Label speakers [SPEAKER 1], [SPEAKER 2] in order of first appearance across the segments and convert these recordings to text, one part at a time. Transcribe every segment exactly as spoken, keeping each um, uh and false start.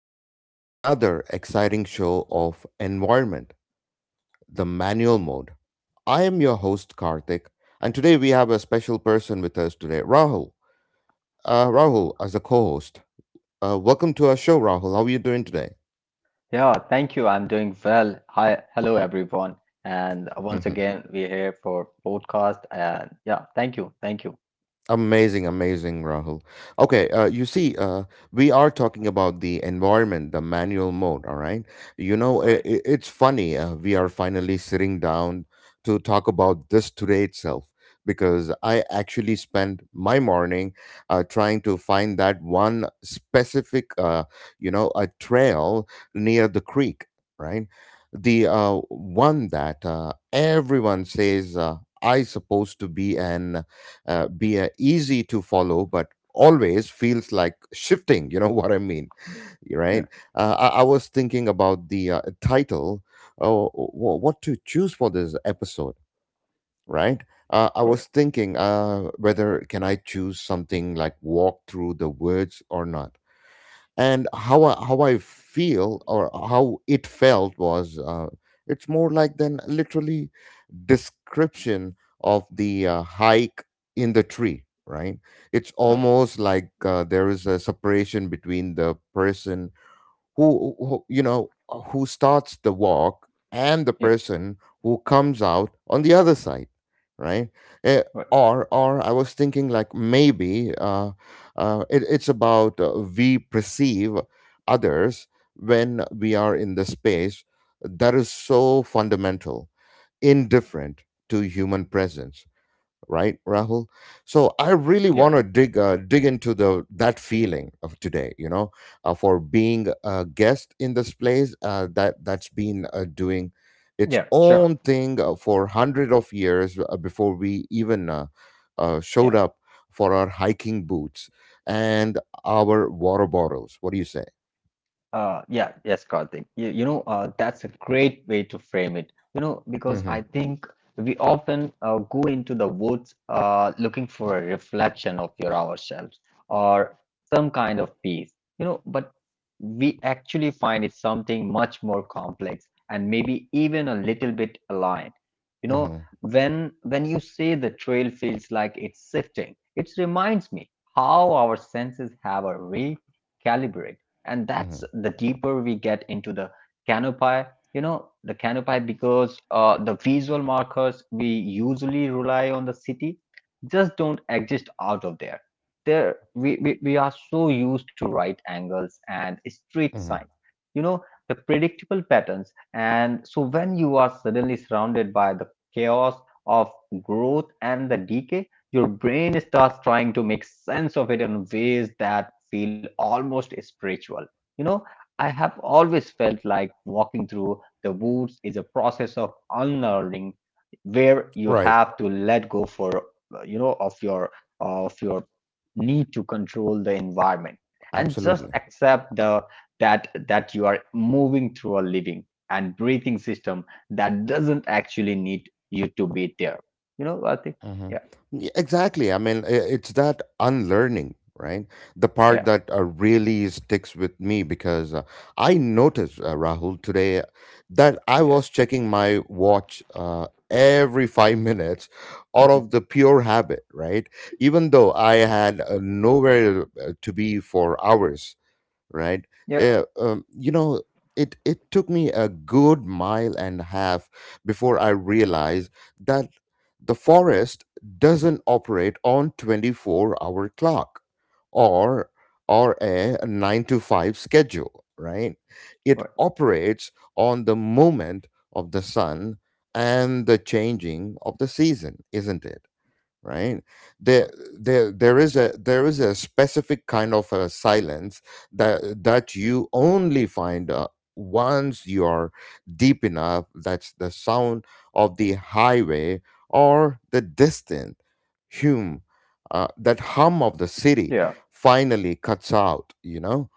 [SPEAKER 1] Welcome to another exciting show of Environment, the manual mode. I am your host, Karthik, and today we have a special person with us today, Rahul. Uh, Rahul, as a co host. Uh, welcome to our show, Rahul. How are you doing today?
[SPEAKER 2] Yeah, thank you. I'm doing well. Hi, hello everyone. And once again, we're here for podcast. And yeah, thank you, thank you.
[SPEAKER 1] Amazing, amazing, Rahul. Okay, uh, you see, uh, we are talking about the environment, the manual mode, all right? You know, i
[SPEAKER 2] Right.
[SPEAKER 1] i- it's funny, uh, we are finally sitting down to talk about this today itself because I actually spent my morning uh, trying to find that one specific, uh, you know, a trail near the creek, right? The uh, one that uh, everyone says uh, I supposed to be an uh, be uh, easy to follow, but always feels like shifting. You know what I mean,
[SPEAKER 2] Yeah.
[SPEAKER 1] right? Uh, I, I was thinking about the uh, title, uh, wh- what to choose for this episode, right? Uh, I
[SPEAKER 2] Right.
[SPEAKER 1] was thinking uh, whether can I choose something like walk through the woods or not, and how I, how I feel or how it felt was, uh, it's more like than literally description of the uh, hike in the tree, right? It's
[SPEAKER 2] Okay.
[SPEAKER 1] almost like uh, there is a separation between the person who, who you know, who starts the walk, and the
[SPEAKER 2] Yeah.
[SPEAKER 1] person who comes out on the other side, right? Eh,
[SPEAKER 2] Right.
[SPEAKER 1] or or i was thinking like maybe uh, uh, it, it's about, uh, we perceive others when we are in the space that is so fundamental, indifferent to human presence, right, rahul? So i really want
[SPEAKER 2] Yeah.
[SPEAKER 1] to dig uh, dig into the that feeling of today, you know, uh, for being a guest in this place uh, that that's been uh, doing its
[SPEAKER 2] Yeah. Sure.
[SPEAKER 1] own thing uh, for hundred of years uh, before we even uh, uh, showed
[SPEAKER 2] Yeah.
[SPEAKER 1] up for our hiking boots and our water bottles. What do you say?
[SPEAKER 2] Uh, yeah, yes, Karthik. You, you know, uh, that's a great way to frame it. You know, because
[SPEAKER 1] Mm-hmm,
[SPEAKER 2] I think we often uh, go into the woods uh, looking for a reflection of your ourselves or some kind of peace, you know, but we actually find it something much more complex and maybe even a little bit aligned. You know,
[SPEAKER 1] mm-hmm,
[SPEAKER 2] when when you say the trail feels like it's sifting, it reminds me how our senses have a recalibrate, and that's
[SPEAKER 1] mm-hmm,
[SPEAKER 2] the deeper we get into the canopy, you know, the canopy, because uh, the visual markers we usually rely on the city just don't exist out of there. There we, we, we are so used to right angles and street
[SPEAKER 1] mm-hmm.
[SPEAKER 2] signs, you know, the predictable patterns. And so when you are suddenly surrounded by the chaos of growth and the decay, your brain starts trying to make sense of it in ways that feel almost spiritual. You know, I have always felt like walking through the woods is a process of unlearning, where you
[SPEAKER 1] Right.
[SPEAKER 2] have to let go for uh, you know, of your of your need to control the environment and just
[SPEAKER 1] Absolutely.
[SPEAKER 2] accept the that that you are moving through a living and breathing system that doesn't actually need you to be there. You know, I think
[SPEAKER 1] Hmm.
[SPEAKER 2] yeah,
[SPEAKER 1] Y- Exactly. I mean, i- it's that unlearning, right? The part
[SPEAKER 2] yeah.
[SPEAKER 1] that uh, really sticks with me because, uh, I noticed, uh, Rahul, today that I
[SPEAKER 2] Yeah.
[SPEAKER 1] was checking my watch uh, every five minutes out of the pure habit, right? Even though I had uh, nowhere uh, to be for hours, right?
[SPEAKER 2] Yeah.
[SPEAKER 1] Uh, um, you know, it it took me a good mile and a half before I realized that the forest doesn't operate on twenty-four hour clock, or or a nine to five schedule, right? It
[SPEAKER 2] Right.
[SPEAKER 1] operates on the movement of the sun and the changing of the season, isn't it? Right. there
[SPEAKER 2] Right.
[SPEAKER 1] there there is a there is a specific kind of a silence that that you only find uh, once you are deep enough, that's the sound of the highway or the distant hum, uh, that hum of the city,
[SPEAKER 2] Yeah.
[SPEAKER 1] finally cuts out, you know,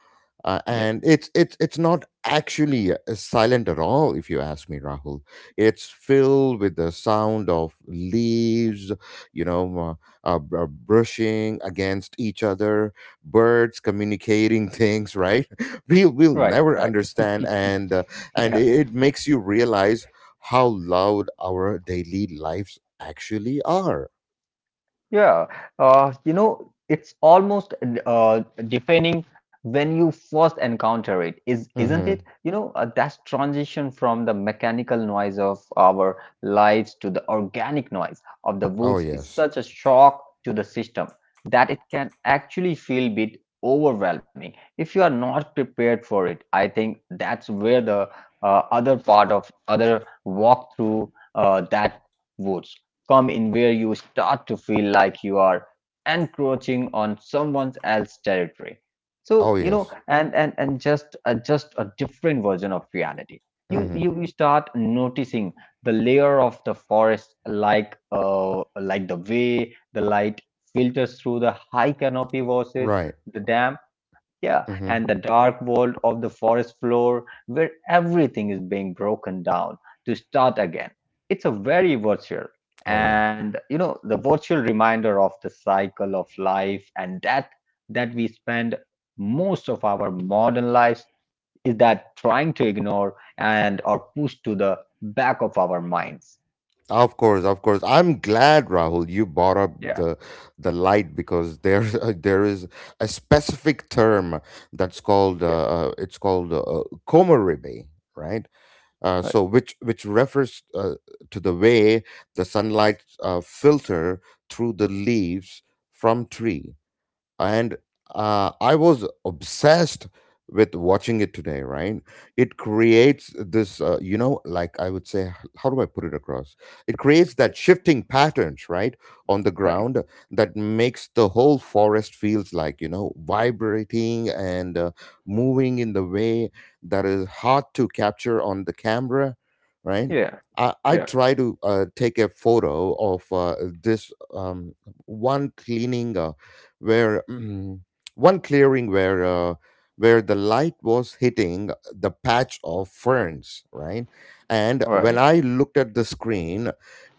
[SPEAKER 1] uh,
[SPEAKER 2] Yeah.
[SPEAKER 1] and it's it's it's not actually uh, silent at all, if you ask me, rahul. It's filled with the sound of leaves, you know, uh, uh, br- uh, brushing against each other, birds communicating things, right? We will
[SPEAKER 2] Right. Right.
[SPEAKER 1] never understand, and uh,
[SPEAKER 2] Yeah.
[SPEAKER 1] and it it makes you realize how loud our daily lives actually are.
[SPEAKER 2] Yeah, uh, you know, it's almost uh, defining when you first encounter it, is isn't it?
[SPEAKER 1] Hmm.
[SPEAKER 2] You know, uh, that transition from the mechanical noise of our lives to the organic noise of the
[SPEAKER 1] Oh
[SPEAKER 2] woods is
[SPEAKER 1] yes.
[SPEAKER 2] such a shock to the system that it can actually feel a bit overwhelming if you are not prepared for it. I think that's where the uh, other part of other walk through uh, that woods come in, where you start to feel like you are encroaching on someone else's territory. So,
[SPEAKER 1] Oh
[SPEAKER 2] you know,
[SPEAKER 1] yes.
[SPEAKER 2] and and and just uh, just a different version of reality. you
[SPEAKER 1] Hmm.
[SPEAKER 2] you, you start noticing the layer of the forest, like uh like the way the light filters through the high canopy versus
[SPEAKER 1] Right.
[SPEAKER 2] the dam, yeah, and the
[SPEAKER 1] Hmm.
[SPEAKER 2] dark world of the forest floor where everything is being broken down to start again. It's a very virtual,
[SPEAKER 1] Oh yeah.
[SPEAKER 2] and you know, the virtual reminder of the cycle of life, and that that we spend most of our modern lives is that trying to ignore and or push to the back of our minds.
[SPEAKER 1] Of course, of course. I'm glad, Rahul, you brought up
[SPEAKER 2] Yeah.
[SPEAKER 1] the the light because there's a, there is a specific term that's called
[SPEAKER 2] Yeah.
[SPEAKER 1] uh, uh, it's called uh, komoribe, right? Uh,
[SPEAKER 2] Right.
[SPEAKER 1] so which which refers uh, to the way the sunlight uh, filter through the leaves from tree. And uh, I was obsessed with watching it today. Right, it creates this, uh, you know, like I would say, how do I put it across? It creates that shifting patterns, right, on the
[SPEAKER 2] Right.
[SPEAKER 1] ground that makes the whole forest feels like, you know, vibrating and uh, moving in the way that is hard to capture on the camera, right?
[SPEAKER 2] Yeah.
[SPEAKER 1] I, I
[SPEAKER 2] Yeah.
[SPEAKER 1] try to uh, take a photo of, uh, this um, one cleaning uh, where mm, one clearing where, uh, where the light was hitting the patch of ferns, right? And when
[SPEAKER 2] Right.
[SPEAKER 1] i looked at the screen,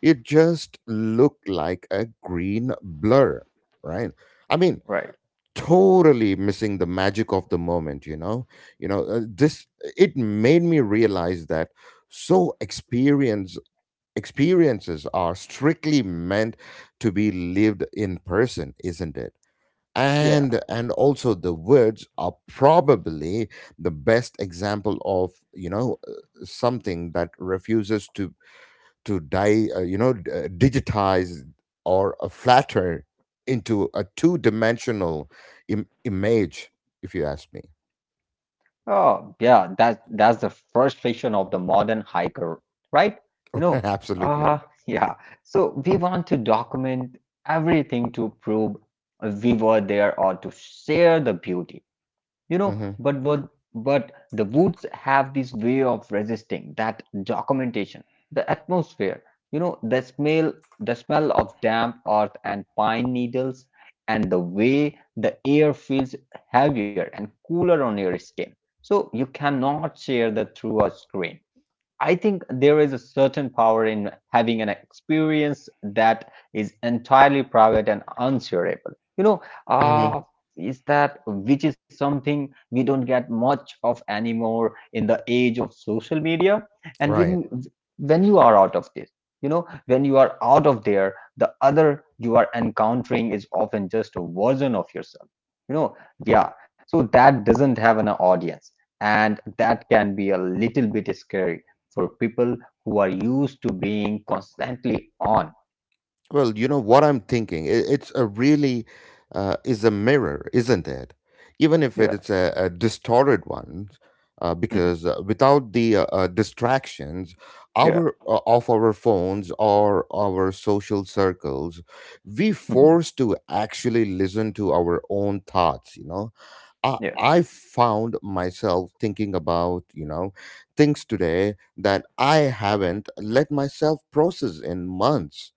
[SPEAKER 1] it just looked like a green blur, right? I mean,
[SPEAKER 2] Right.
[SPEAKER 1] totally missing the magic of the moment, you know. You know uh, this it made me realize that so experience experiences are strictly meant to be lived in person, isn't it? and
[SPEAKER 2] Yeah.
[SPEAKER 1] and also the words are probably the best example of, you know, uh, something that refuses to to die uh, you know d- uh, digitize or uh, flatter into a two-dimensional Im- image, if you ask me.
[SPEAKER 2] Oh yeah, that's that's the frustration of the modern hiker, right? You know,
[SPEAKER 1] Absolutely.
[SPEAKER 2] uh yeah so we want to document everything to prove we were there, all to share the beauty, you know,
[SPEAKER 1] Hmm.
[SPEAKER 2] but what, but the woods have this way of resisting that documentation, the atmosphere, you know, the smell, the smell of damp earth and pine needles, and the way the air feels heavier and cooler on your skin. So you cannot share that through a screen. I think there is a certain power in having an experience that is entirely private and unshareable. You know,
[SPEAKER 1] Hmm.
[SPEAKER 2] uh, is that which is something we don't get much of anymore in the age of social media. And when
[SPEAKER 1] Right.
[SPEAKER 2] you, when you are out of this, you know, when you are out of there, the other you are encountering is often just a version of yourself. You know, yeah. So that doesn't have an audience, and that can be a little bit scary for people who are used to being constantly on.
[SPEAKER 1] Well, you know what I'm thinking. i- It's a really, uh, is a mirror, isn't it? Even if
[SPEAKER 2] Yeah.
[SPEAKER 1] it's a, a distorted one, uh,
[SPEAKER 2] Mhm.
[SPEAKER 1] because uh, without the uh, uh, distractions,
[SPEAKER 2] Yeah.
[SPEAKER 1] our uh, of our phones or our social circles, we
[SPEAKER 2] Mhm.
[SPEAKER 1] forced to actually listen to our own thoughts. You know, I
[SPEAKER 2] Yeah.
[SPEAKER 1] I found myself thinking about, you know, things today that I haven't let myself process in months,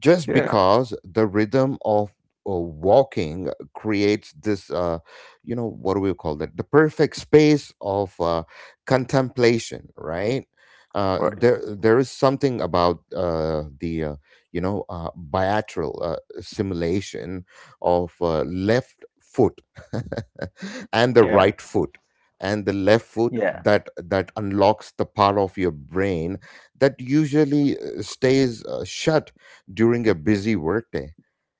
[SPEAKER 1] just
[SPEAKER 2] Yeah.
[SPEAKER 1] because the rhythm of uh, walking creates this, uh, you know, what do we call that, the perfect space of uh, contemplation, right? uh,
[SPEAKER 2] Right.
[SPEAKER 1] there there is something about uh, the uh, you know, uh, bilateral uh, simulation of, uh, left foot and the
[SPEAKER 2] Yeah.
[SPEAKER 1] right foot and the left foot
[SPEAKER 2] Yeah.
[SPEAKER 1] that that unlocks the part of your brain that usually uh, stays uh, shut during a busy workday.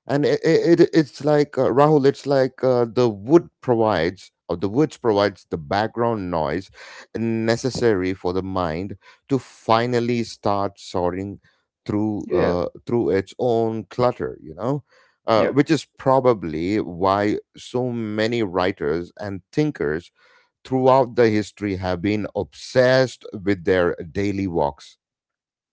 [SPEAKER 1] And it, it, it's like, uh, Rahul, it's like uh, the wood provides, or the woods provides the background noise necessary for the mind to finally start sorting through,
[SPEAKER 2] Yeah.
[SPEAKER 1] uh, through its own clutter, you know? Uh,
[SPEAKER 2] Yeah.
[SPEAKER 1] which is probably why so many writers and thinkers throughout the history have been obsessed with their daily walks.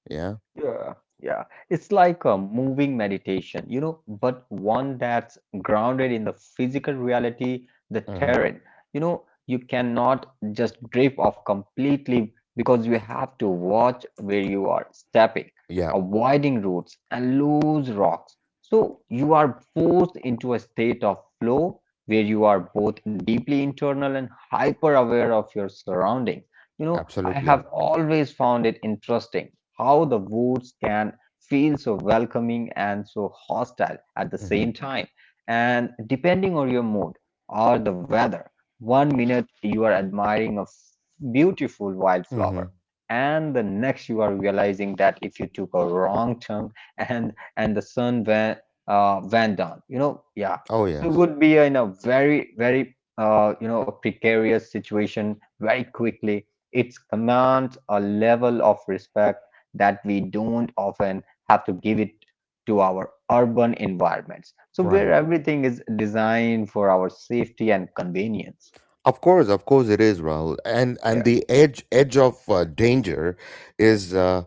[SPEAKER 1] Yeah.
[SPEAKER 2] Yeah, yeah. It's like a moving meditation, you know, but one that's grounded in the physical reality, the
[SPEAKER 1] Hmm.
[SPEAKER 2] terrain. You know, you cannot just drift off completely because you have to watch where you are stepping,
[SPEAKER 1] Yeah,
[SPEAKER 2] avoiding roots and loose rocks. So you are forced into a state of flow where you are both deeply internal and hyper aware of your surroundings. You know, I
[SPEAKER 1] absolutely.
[SPEAKER 2] have always found it interesting how the woods can feel so welcoming and so hostile at the
[SPEAKER 1] Mhm.
[SPEAKER 2] same time. And depending on your mood or the weather, one minute you are admiring a f- beautiful
[SPEAKER 1] Mm-hmm.
[SPEAKER 2] wildflower, and the next you are realizing that if you took a wrong turn and and the sun went uh, went down, you know, yeah.
[SPEAKER 1] Oh
[SPEAKER 2] So it
[SPEAKER 1] yes.
[SPEAKER 2] would be in a very very uh, you know, a precarious situation very quickly. It commands a level of respect that we don't often have to give it to our urban environments. So where
[SPEAKER 1] Right.
[SPEAKER 2] everything is designed for our safety and convenience.
[SPEAKER 1] Of course, of course it is, Rahul. And and
[SPEAKER 2] Yeah,
[SPEAKER 1] the edge edge of uh, danger is, uh,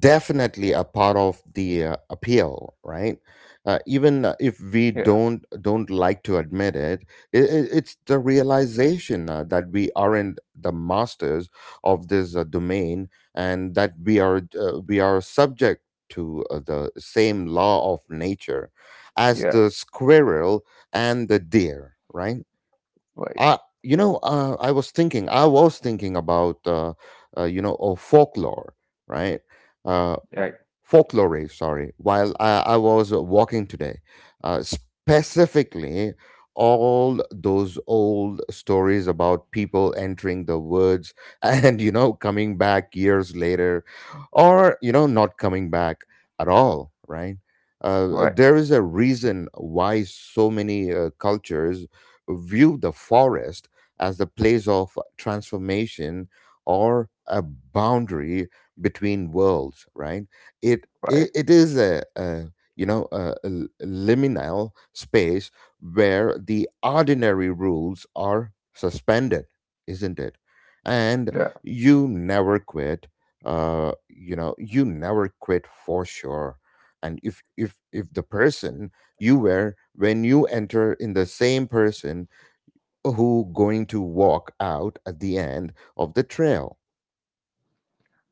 [SPEAKER 1] definitely a part of the uh, appeal, right? Uh, even uh, if we
[SPEAKER 2] yeah,
[SPEAKER 1] don't don't like to admit it, it, it it's the realization uh, that we aren't the masters of this uh, domain, and that we are uh, we are subject to uh, the same law of nature as
[SPEAKER 2] yeah,
[SPEAKER 1] the squirrel and the deer, right?
[SPEAKER 2] right,
[SPEAKER 1] I, you know, uh, I was thinking, I was thinking about, uh, uh, you know, oh, folklore, right? Uh,
[SPEAKER 2] yeah, right,
[SPEAKER 1] Folklore, sorry, while I, I was walking today. Uh, specifically, all those old stories about people entering the woods and, you know, coming back years later, or, you know, not coming back at all, right?
[SPEAKER 2] right,
[SPEAKER 1] Uh, there is a reason why so many uh, cultures view the forest as the place of transformation or a boundary between worlds, right? It
[SPEAKER 2] right,
[SPEAKER 1] it, it is a, a you know, a, a l- liminal space where the ordinary rules are suspended, isn't it? And
[SPEAKER 2] yeah.
[SPEAKER 1] you never quit, uh you know, you never quit for sure. And if if if the person you were when you enter in the same person who going to walk out at the end of the trail.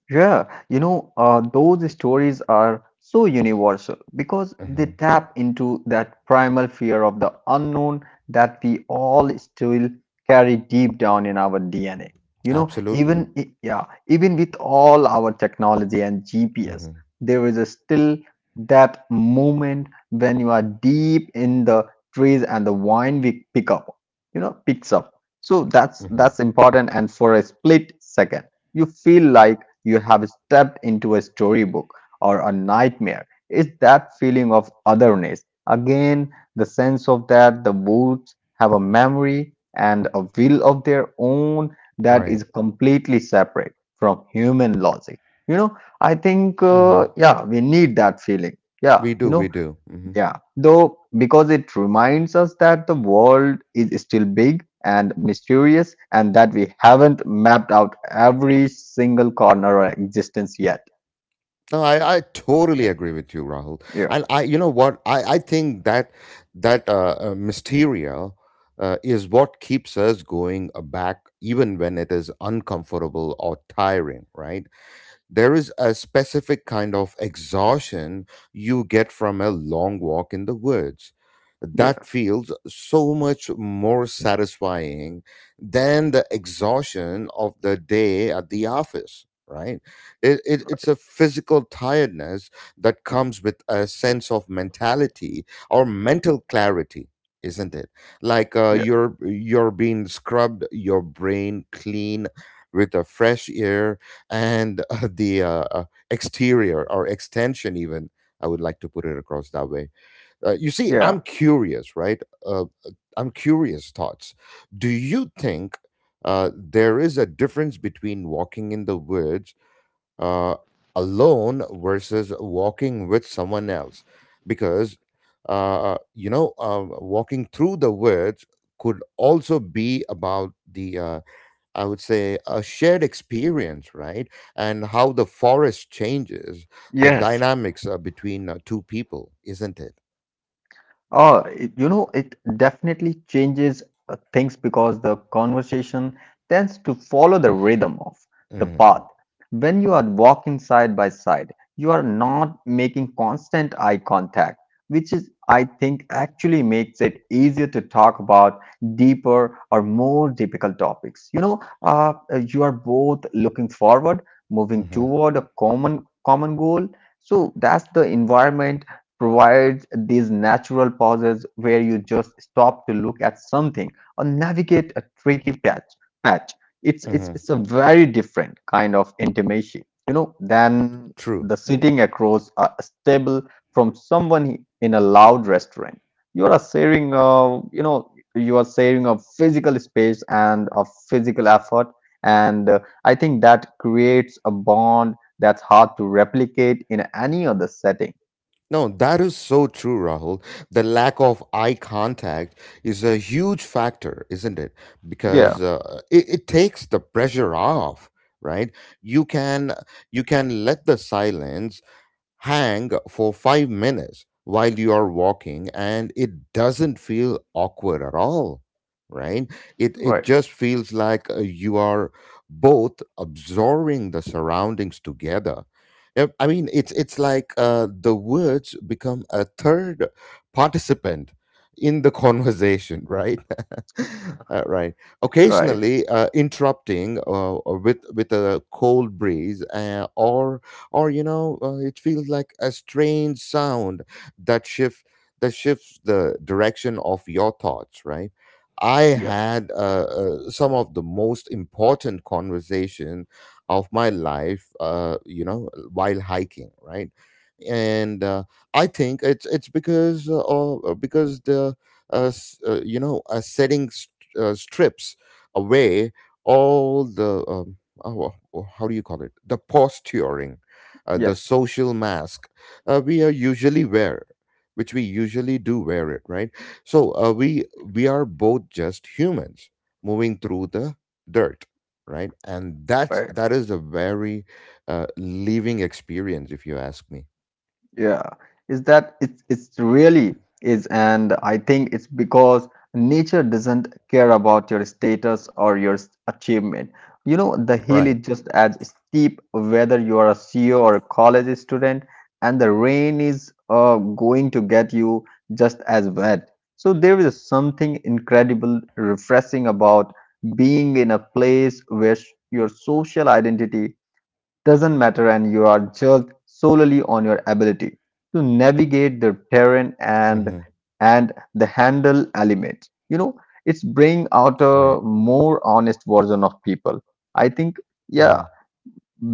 [SPEAKER 2] Yeah, you know, uh, those stories are so universal because they
[SPEAKER 1] Mhm.
[SPEAKER 2] tap into that primal fear of the unknown that we all still carry deep down in our D N A. You know,
[SPEAKER 1] Absolutely.
[SPEAKER 2] even i- yeah, even with all our technology and G P S,
[SPEAKER 1] Hmm.
[SPEAKER 2] there is a still that moment when you are deep in the trees and the wine we pick up, you know, picks up. So that's
[SPEAKER 1] Hmm.
[SPEAKER 2] that's important. And for a split second, you feel like you have stepped into a storybook or a nightmare. It's that feeling of otherness. Again, the sense of that the woods have a memory and a will of their own that
[SPEAKER 1] Right.
[SPEAKER 2] is completely separate from human logic. You know, I think,
[SPEAKER 1] Hmm.
[SPEAKER 2] uh, yeah, we need that feeling. Yeah,
[SPEAKER 1] We
[SPEAKER 2] you
[SPEAKER 1] do,
[SPEAKER 2] know,
[SPEAKER 1] we do. Hmm.
[SPEAKER 2] yeah. Though, because it reminds us that the world is still big and mysterious and that we haven't mapped out every single corner of existence yet.
[SPEAKER 1] No, I, I totally agree with you, Rahul.
[SPEAKER 2] Yeah,
[SPEAKER 1] And I, you know what, I, I think that that uh, uh, mysteria uh, is what keeps us going uh, back, even when it is uncomfortable or tiring, right? There is a specific kind of exhaustion you get from a long walk in the woods that
[SPEAKER 2] yeah,
[SPEAKER 1] feels so much more satisfying than the exhaustion of the day at the office, right? It, it, it's a physical tiredness that comes with a sense of mentality or mental clarity, isn't it? Like, uh,
[SPEAKER 2] yeah,
[SPEAKER 1] you're you're being scrubbed your brain clean with a fresh air and, uh, the uh, uh, exterior or extension, even, I would like to put it across that way. Uh, you see,
[SPEAKER 2] yeah.
[SPEAKER 1] i'm curious right uh, uh, I'm curious thoughts. Do you think uh, there is a difference between walking in the woods uh, alone versus walking with someone else, because uh, you know, uh, walking through the woods could also be about the, uh, I would say, a shared experience, right? And how the forest changes the
[SPEAKER 2] Yes.
[SPEAKER 1] dynamics uh, between uh, two people, isn't it?
[SPEAKER 2] Oh, it- you know, it definitely changes uh, things because the conversation tends to follow the rhythm of the
[SPEAKER 1] Mm,
[SPEAKER 2] path. When you are walking side by side, you are not making constant eye contact, which is, I think, actually makes it easier to talk about deeper or more difficult topics. You know, uh, you are both looking forward, moving
[SPEAKER 1] hmm.
[SPEAKER 2] toward a common common goal. So that's the environment provides these natural pauses where you just stop to look at something or navigate a tricky patch. patch. It's,
[SPEAKER 1] Hmm.
[SPEAKER 2] it's, it's a very different kind of intimacy, you know, than
[SPEAKER 1] True.
[SPEAKER 2] the sitting across a table from someone in a loud restaurant. You are sharing, uh, you know, you are sharing a physical space and a physical effort, and uh, I think that creates a bond that's hard to replicate in any other setting.
[SPEAKER 1] No, that is so true, Rahul. The lack of eye contact is a huge factor, isn't it?
[SPEAKER 2] Yeah.
[SPEAKER 1] Because uh, it, it takes the pressure off, right? You can you can let the silence hang for five minutes while you are walking, and it doesn't feel awkward at all, right? It it
[SPEAKER 2] Right,
[SPEAKER 1] just feels like uh, you are both absorbing the surroundings together. Yep, i mean it's it's like uh, the words become a third participant in the conversation, right? Uh, right,
[SPEAKER 2] right.
[SPEAKER 1] occasionally uh, interrupting uh, uh, with with a cold breeze uh, or or you know uh, it feels like a strange sound, that shift that shifts the direction of your thoughts, right? I
[SPEAKER 2] Yeah,
[SPEAKER 1] had uh, uh, some of the most important conversation of my life, uh, you know while hiking, right? And uh, i think it's it's because uh, or because the uh, s- uh, you know uh, setting st- uh, strips away all the um, oh, well, oh, how do you call it, the posturing, uh, the
[SPEAKER 2] yes,
[SPEAKER 1] social mask uh, we are usually wear, which we usually do wear it, right? So uh, we we are both just humans moving through the dirt, right? And that's
[SPEAKER 2] right.
[SPEAKER 1] that is a very uh, living experience, if you ask me,
[SPEAKER 2] Yeah. Is that it's it's really is and I think it's because nature doesn't care about your status or your s- achievement. You know, the hill
[SPEAKER 1] right?
[SPEAKER 2] is just as steep whether you are a C E O or a college student, and the rain is uh, going to get you just as wet. So there is something incredible, refreshing about being in a place where s- your social identity doesn't matter and you are judged solely on your ability to navigate the terrain and
[SPEAKER 1] Mm-hmm.
[SPEAKER 2] and the handle element, you know. It's bring out
[SPEAKER 1] Right.
[SPEAKER 2] a more honest version of people, I think. Yeah.
[SPEAKER 1] Mm-hmm.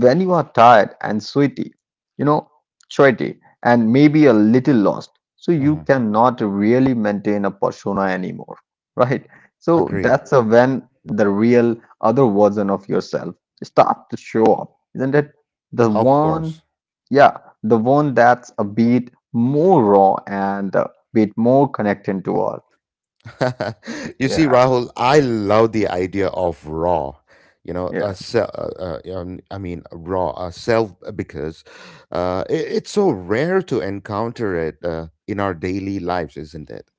[SPEAKER 2] When you are tired and sweaty, you know, sweaty and maybe a little lost. So you
[SPEAKER 1] Mm-hmm.
[SPEAKER 2] cannot really maintain a persona anymore, right? So
[SPEAKER 1] Agreed.
[SPEAKER 2] that's a when the real other version of yourself start to show up, isn't it? The
[SPEAKER 1] Of
[SPEAKER 2] one,
[SPEAKER 1] course.
[SPEAKER 2] yeah, the one that's a bit more raw and a bit more connected to earth.
[SPEAKER 1] You see,
[SPEAKER 2] Yeah,
[SPEAKER 1] Rahul, I love the idea of raw. You know, a
[SPEAKER 2] yeah,
[SPEAKER 1] se- uh, uh, um, I mean, raw a self uh, because uh, it, it's so rare to encounter it uh, in our daily lives, isn't it?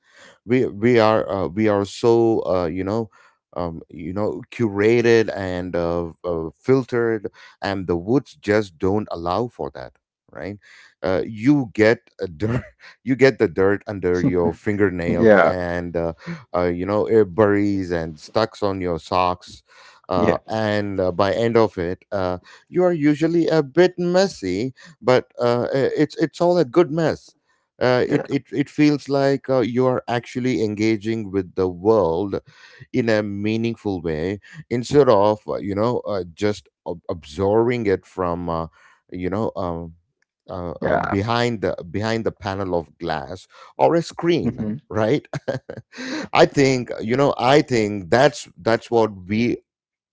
[SPEAKER 1] we we are uh, we are so uh, you know um, you know curated and uh, uh, filtered, and the woods just don't allow for that, right? uh, you get a dirt. You get the dirt under your fingernails,
[SPEAKER 2] yeah,
[SPEAKER 1] and uh, uh, you know, it buries and stucks on your socks, uh,
[SPEAKER 2] yeah,
[SPEAKER 1] and uh, by end of it uh, you are usually a bit messy. But uh, i- it's it's all a good mess. uh, it,
[SPEAKER 2] yeah,
[SPEAKER 1] it it feels like uh, you are actually engaging with the world in a meaningful way, instead of uh, you know uh, just ab- absorbing it from uh, you know um, uh, uh,
[SPEAKER 2] yeah.
[SPEAKER 1] behind the behind the panel of glass or a screen,
[SPEAKER 2] Mhm.
[SPEAKER 1] right? I think, you know I think that's that's what we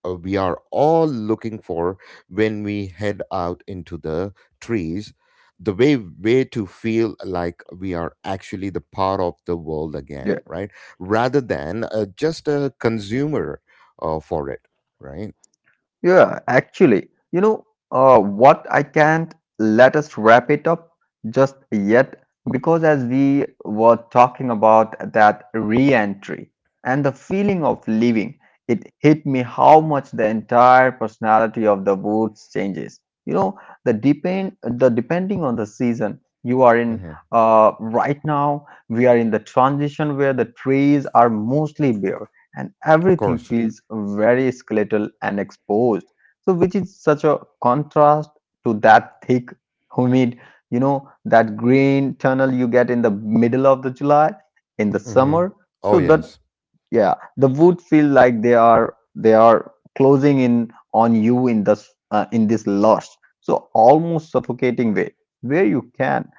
[SPEAKER 1] uh, we are all looking for when we head out into the trees, the way way to feel like we are actually the part of the world again, right? Rather than uh, just a consumer uh, for it, right?
[SPEAKER 2] Yeah, actually, you know, uh, what I can't let us wrap it up just yet, because as we were talking about that re-entry and the feeling of leaving, it hit me how much the entire personality of the woods changes. You know, the depend the depending on the season you are in.
[SPEAKER 1] Hmm.
[SPEAKER 2] Uh, right now, we are in the transition where the trees are mostly bare and
[SPEAKER 1] Of
[SPEAKER 2] everything
[SPEAKER 1] course.
[SPEAKER 2] feels very skeletal and exposed. So, which is such a contrast to that thick, humid, you know, that green tunnel you get in the middle of the July in the
[SPEAKER 1] Hmm.
[SPEAKER 2] summer.
[SPEAKER 1] Oh
[SPEAKER 2] So, that
[SPEAKER 1] yes.
[SPEAKER 2] yeah, the wood feel like they are they are closing in on you in this uh, in this lush, so almost suffocating way, where you can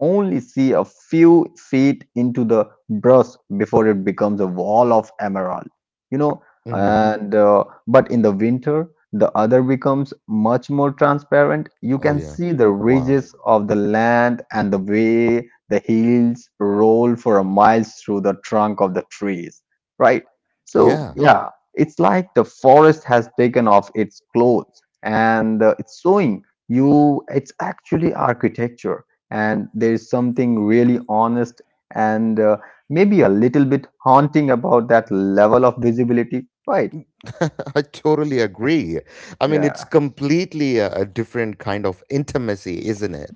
[SPEAKER 2] only see a few feet into the brush before it becomes a wall of emerald. You know,
[SPEAKER 1] Hmm.
[SPEAKER 2] and uh, but in the winter, the other becomes much more transparent. You
[SPEAKER 1] Oh
[SPEAKER 2] can
[SPEAKER 1] yeah.
[SPEAKER 2] see the
[SPEAKER 1] Wow.
[SPEAKER 2] ridges of the land and the way the hills roll for a miles through the trunk of the trees, right? So,
[SPEAKER 1] Yeah.
[SPEAKER 2] yeah, it's like the forest has taken off its clothes and uh, it's showing you it's actually architecture. And there is something really honest and uh, maybe a little bit haunting about that level of visibility, right?
[SPEAKER 1] I totally agree. I mean, it's
[SPEAKER 2] Yeah,
[SPEAKER 1] completely a, a different kind of intimacy, isn't it?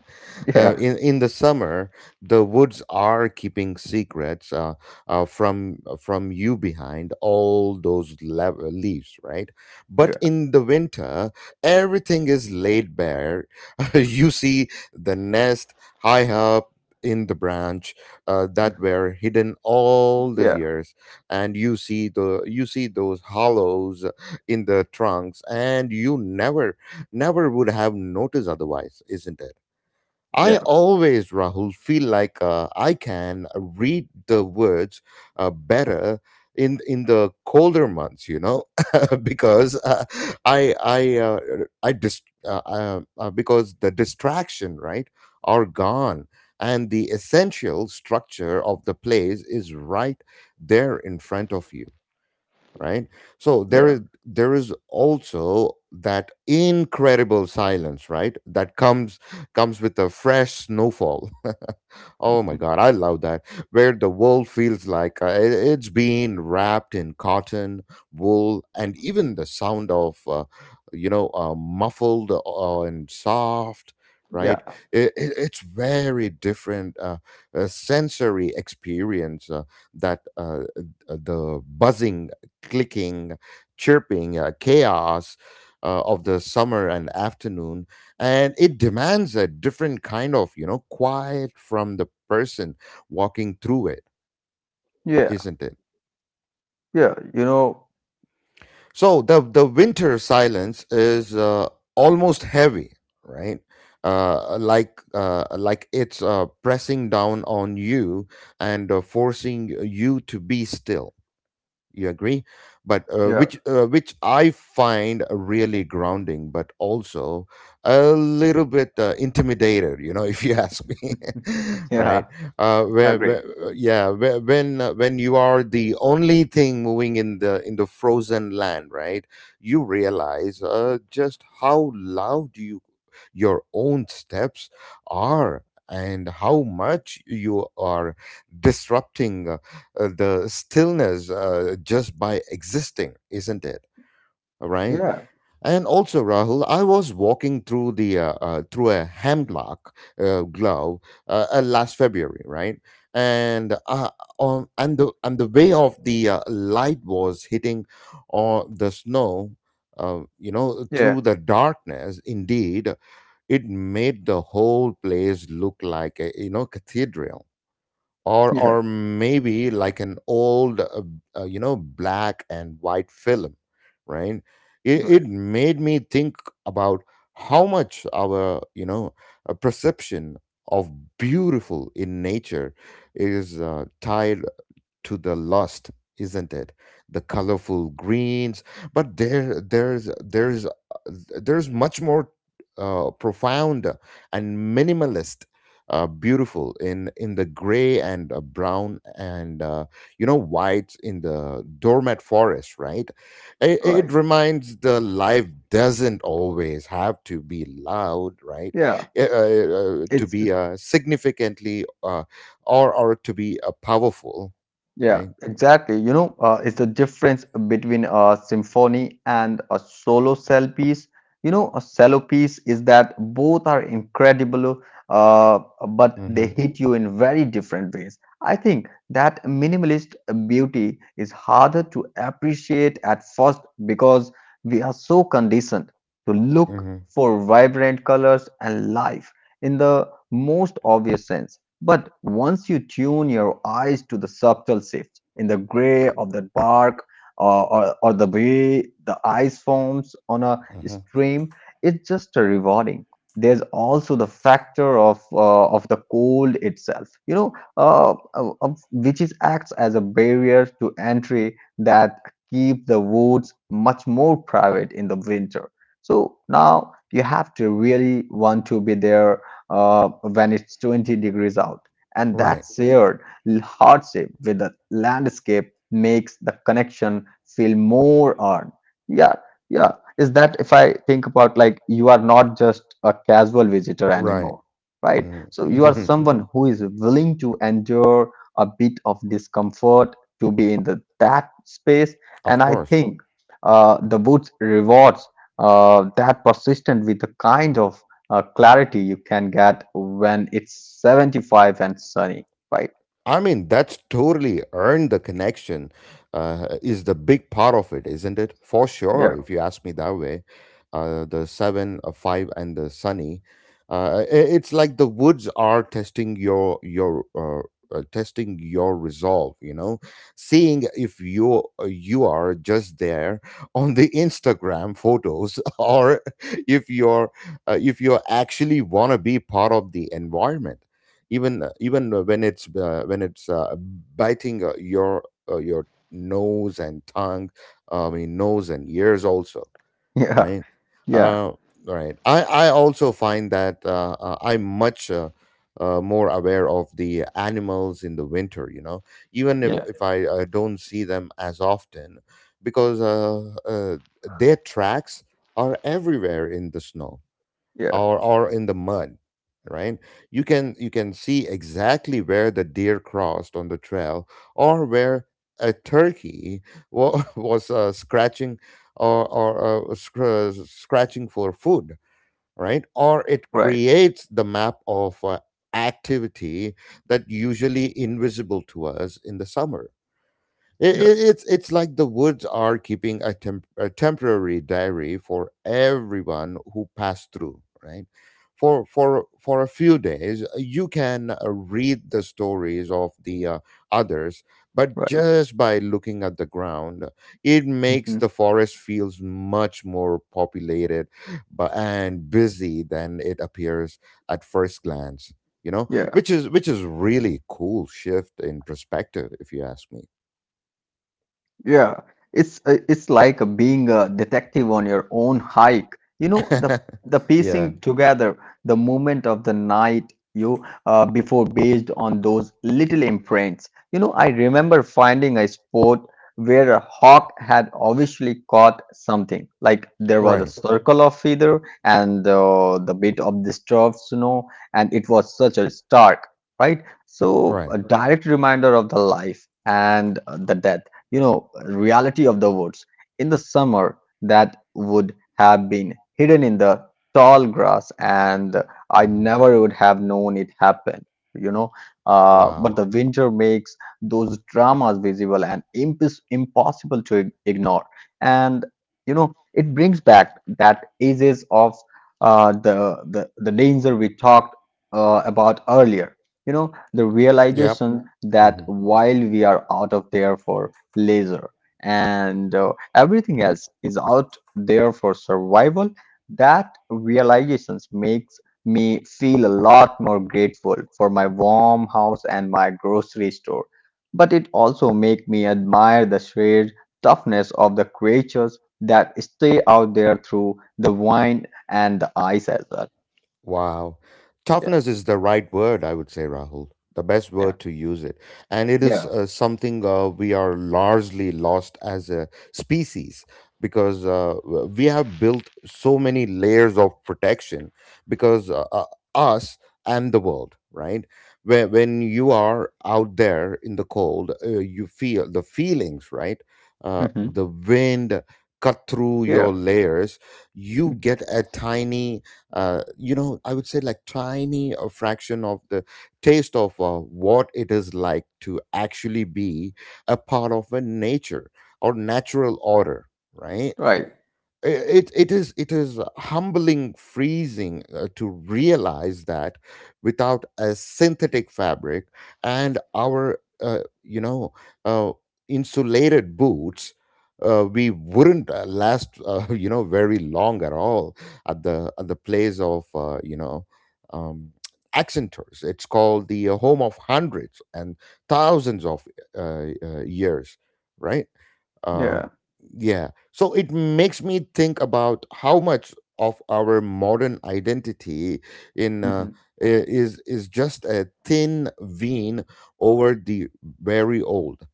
[SPEAKER 1] Uh,
[SPEAKER 2] yeah,
[SPEAKER 1] in in the summer, the woods are keeping secrets uh, uh, from from you behind all those le- leaves, right? But
[SPEAKER 2] yeah,
[SPEAKER 1] in the winter, everything is laid bare. You see the nest high up in the branch uh, that were hidden all these
[SPEAKER 2] yeah,
[SPEAKER 1] years, and you see the, you see those hollows in the trunks, and you never, never would have noticed otherwise, isn't it?
[SPEAKER 2] yeah,
[SPEAKER 1] I always, Rahul, feel like uh, I can read the words uh, better in in the colder months, you know, because uh, I I uh, I dis- uh, uh, uh, because the distraction, right, are gone, and the essential structure of the plays is right there in front of you, right? So there is
[SPEAKER 2] yeah,
[SPEAKER 1] there is also that incredible silence, right, that comes, comes with a fresh snowfall. Oh my god, I love that, where the world feels like uh, it- it's being wrapped in cotton wool, and even the sound of uh, you know uh, muffled uh, and soft, right?
[SPEAKER 2] yeah,
[SPEAKER 1] it, it, it's very different uh, uh, sensory experience uh, that uh, uh, the buzzing, clicking, chirping, uh, chaos uh, of the summer and afternoon, and it demands a different kind of, you know, quiet from the person walking through it,
[SPEAKER 2] yeah,
[SPEAKER 1] isn't it?
[SPEAKER 2] yeah, you know,
[SPEAKER 1] So the the winter silence is uh, almost heavy, right? Uh, like uh, like it's uh, pressing down on you and uh, forcing you to be still. You agree? But uh,
[SPEAKER 2] yeah,
[SPEAKER 1] which uh, which i find really grounding, but also a little bit uh, intimidated, you know, if you ask me. Right.
[SPEAKER 2] yeah,
[SPEAKER 1] uh when
[SPEAKER 2] agree.
[SPEAKER 1] where, yeah, where, when uh, when you are the only thing moving in the in the frozen land, right? You realize uh, just how loud you, your own steps are, and how much you are disrupting uh, uh, the stillness, uh, just by existing, isn't it? All right.
[SPEAKER 2] Yeah,
[SPEAKER 1] And also, Rahul, I was walking through the uh, uh, through a hemlock uh, glove uh, uh, last February, right? And uh, on and the and the way of the uh, light was hitting on the snow. Uh, you know,
[SPEAKER 2] yeah,
[SPEAKER 1] through the darkness, indeed, it made the whole place look like a, you know, cathedral, or
[SPEAKER 2] yeah,
[SPEAKER 1] or maybe like an old uh, uh, you know, black and white film, right? it, it
[SPEAKER 2] right,
[SPEAKER 1] made me think about how much our, you know, uh perception of beautiful in nature is uh, tied to the lust, isn't it? The colorful greens. But there there's there's uh, there's much more uh, profound and minimalist, uh, beautiful in in the gray and uh, brown and uh, you know, white in the doormat forest, right? it, it
[SPEAKER 2] right.
[SPEAKER 1] reminds the life doesn't always have to be loud, right?
[SPEAKER 2] Yeah,
[SPEAKER 1] Uh, uh, uh, to
[SPEAKER 2] it's
[SPEAKER 1] be uh, significantly uh, or or to be uh, powerful,
[SPEAKER 2] Yeah,
[SPEAKER 1] right?
[SPEAKER 2] exactly. You know, uh, it's the difference between a symphony and a solo cell piece. You know, a cello piece is that both are incredible, uh, but they
[SPEAKER 1] Mm-hmm.
[SPEAKER 2] hit you in very different ways. I think that minimalist beauty is harder to appreciate at first because we are so conditioned to look
[SPEAKER 1] Mm-hmm.
[SPEAKER 2] for vibrant colors and life in the most obvious sense. But once you tune your eyes to the subtle shift in the gray of the bark or, or, or the way the ice forms on a
[SPEAKER 1] Mm-hmm.
[SPEAKER 2] stream, it's just a rewarding. There's also the factor of uh, of the cold itself, you know, uh, uh, uh, which is acts as a barrier to entry that keep the woods much more private in the winter. So now you have to really want to be there uh, up when it's twenty degrees out. And that
[SPEAKER 1] Right.
[SPEAKER 2] shared hardship with the landscape makes the connection feel more earned. Yeah, yeah. Is that if I think about like you are not just a casual visitor
[SPEAKER 1] Right.
[SPEAKER 2] anymore, right? So you are
[SPEAKER 1] Mm.
[SPEAKER 2] someone who is willing to endure a bit of discomfort to be in the, that space. And
[SPEAKER 1] Of
[SPEAKER 2] I
[SPEAKER 1] course.
[SPEAKER 2] think uh, the woods rewards uh, that persistent with the kind of uh, clarity you can get when it's seventy-five and sunny, right?
[SPEAKER 1] I mean, that's totally earned the connection, uh, is the big part of it, isn't it? For sure,
[SPEAKER 2] Yeah,
[SPEAKER 1] if you ask me that way. Uh, the seven, uh, five, and the sunny. Uh, i- it's like the woods are testing your your uh, uh, testing your resolve. You know, seeing if you uh, you are just there, on the Instagram photos, or if you're uh, if you actually want to be part of the environment, even uh, even uh, when it's uh, when it's uh, biting uh, your uh, your nose and tongue. uh, i mean, nose and ears also,
[SPEAKER 2] yeah,
[SPEAKER 1] right?
[SPEAKER 2] yeah,
[SPEAKER 1] uh, right, i i also find that uh, uh, i'm much uh, uh, more aware of the animals in the winter, you know, even if
[SPEAKER 2] yeah,
[SPEAKER 1] if i uh, don't see them as often, because uh, uh, their tracks are everywhere in the snow,
[SPEAKER 2] yeah,
[SPEAKER 1] or or in the mud, right? You can you can see exactly where the deer crossed on the trail, or where a turkey wa- was uh, scratching, or or uh, scr- scratching for food, right? Or it
[SPEAKER 2] right,
[SPEAKER 1] creates the map of uh, activity that usually invisible to us in the summer. it,
[SPEAKER 2] yeah,
[SPEAKER 1] it, it's it's like the woods are keeping a, temp- a temporary diary for everyone who passed through, right? For for for a few days, you can uh, read the stories of the uh, others, but
[SPEAKER 2] right.
[SPEAKER 1] just by looking at the ground. It makes
[SPEAKER 2] Hmm.
[SPEAKER 1] the forest feels much more populated, but and busy than it appears at first glance. You know,
[SPEAKER 2] Yeah.
[SPEAKER 1] which is, which is really cool shift in perspective, if you ask me.
[SPEAKER 2] Yeah, it's uh, it's like being a detective on your own hike. You know, the the
[SPEAKER 1] Yeah.
[SPEAKER 2] piecing together, the movement of the night you uh, before based on those little imprints. You know, I remember finding a spot where a hawk had obviously caught something. Like there was a
[SPEAKER 1] Right.
[SPEAKER 2] circle of feather and uh, the bit of disturbed snow, and it was such a stark, right? So
[SPEAKER 1] Right.
[SPEAKER 2] a direct reminder of the life and uh, the death, you know, reality of the woods in the summer that would have been hidden in the tall grass and
[SPEAKER 1] uh
[SPEAKER 2] I never would have known it happened, you know. Uh, but
[SPEAKER 1] Wow.
[SPEAKER 2] the winter makes those dramas visible and impos- impossible to ig- ignore. And you know it brings back that ages of uh, the, the the danger we talked uh, about earlier, you know, the
[SPEAKER 1] Yep.
[SPEAKER 2] realization that
[SPEAKER 1] Hmm.
[SPEAKER 2] while we are out of there for leisure, and uh, everything else is out there for survival. That realizations makes me feel a lot more grateful for my warm house and my grocery store. But it also make me admire the sheer toughness of the creatures that stay out there through the wind and the ice as well.
[SPEAKER 1] Wow.
[SPEAKER 2] Yeah,
[SPEAKER 1] Toughness is the right word, I would say, Rahul. The best
[SPEAKER 2] yeah,
[SPEAKER 1] word to use it. And it
[SPEAKER 2] yeah,
[SPEAKER 1] is uh, something uh, we are largely lost as a species, because uh, w- we have built so many layers of protection, because uh, uh, us and the world, right? When, when you are out there in the cold, uh, you feel the feelings, right? Uh,
[SPEAKER 2] hmm,
[SPEAKER 1] the wind cut through
[SPEAKER 2] yeah,
[SPEAKER 1] your layers. You get a tiny uh, you know, I would say, like tiny a fraction of the taste of uh, what it is like to actually be a part of a nature, or natural order, right?
[SPEAKER 2] right,
[SPEAKER 1] It it is it is humbling freezing uh, to realize that without a synthetic fabric and our uh, you know uh, insulated boots, uh, we wouldn't uh, last, uh, you know, very long at all at the at the place of, uh, you know, um, accentors, it's called the home of hundreds and thousands of uh, uh, years, right? um,
[SPEAKER 2] yeah,
[SPEAKER 1] yeah. So it makes me think about how much of our modern identity in uh,
[SPEAKER 2] hmm,
[SPEAKER 1] i- is is just a thin vein over the very old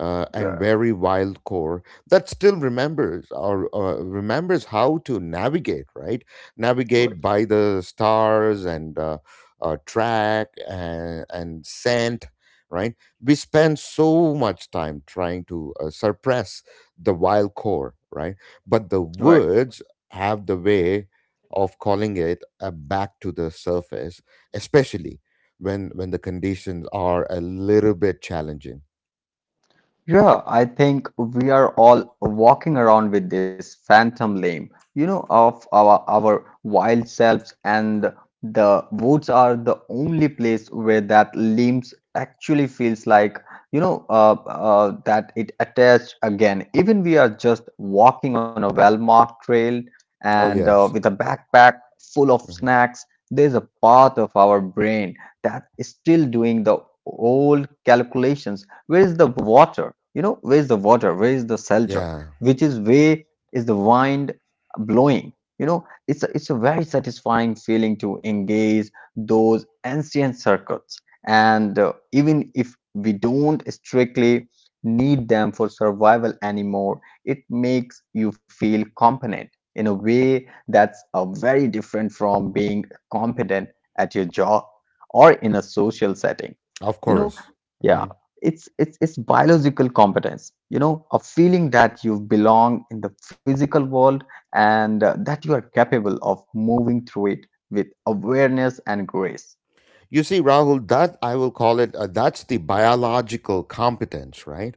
[SPEAKER 1] uh, and
[SPEAKER 2] yeah,
[SPEAKER 1] very wild core that still remembers, or uh, remembers how to navigate, right?
[SPEAKER 2] right,
[SPEAKER 1] Navigate by the stars and uh, uh, track, and, and scent, right? We spend so much time trying to uh, suppress the wild core, right? But the
[SPEAKER 2] right.
[SPEAKER 1] words have the way of calling it uh, back to the surface, especially when when the conditions are a little bit challenging.
[SPEAKER 2] Yeah, I think we are all walking around with this phantom lame, you know, of our our wild selves, and the woods are the only place where that limbs actually feels like, you know, uh, uh, that it attached again. Even we are just walking on a well-marked trail
[SPEAKER 1] Oh
[SPEAKER 2] and uh,
[SPEAKER 1] yes.
[SPEAKER 2] with a backpack full of
[SPEAKER 1] Hmm.
[SPEAKER 2] snacks, there's a part of our brain that is still doing the old calculations. Where is the water, you know, where is the water, where is the shelter,
[SPEAKER 1] Yeah,
[SPEAKER 2] which is where is the wind blowing? You know, it's a, it's a very satisfying feeling to engage those ancient circuits, and uh, even if we don't strictly need them for survival anymore, it makes you feel competent in a way that's a very different from being competent at your job or in a social setting,
[SPEAKER 1] of
[SPEAKER 2] you know.
[SPEAKER 1] course. Hmm.
[SPEAKER 2] Yeah. It's it's it's biological competence, you know, a feeling that you belong in the physical world and uh, that you are capable of moving through it with awareness and grace.
[SPEAKER 1] You see, Rahul, that I will call it uh, that's the biological competence, right?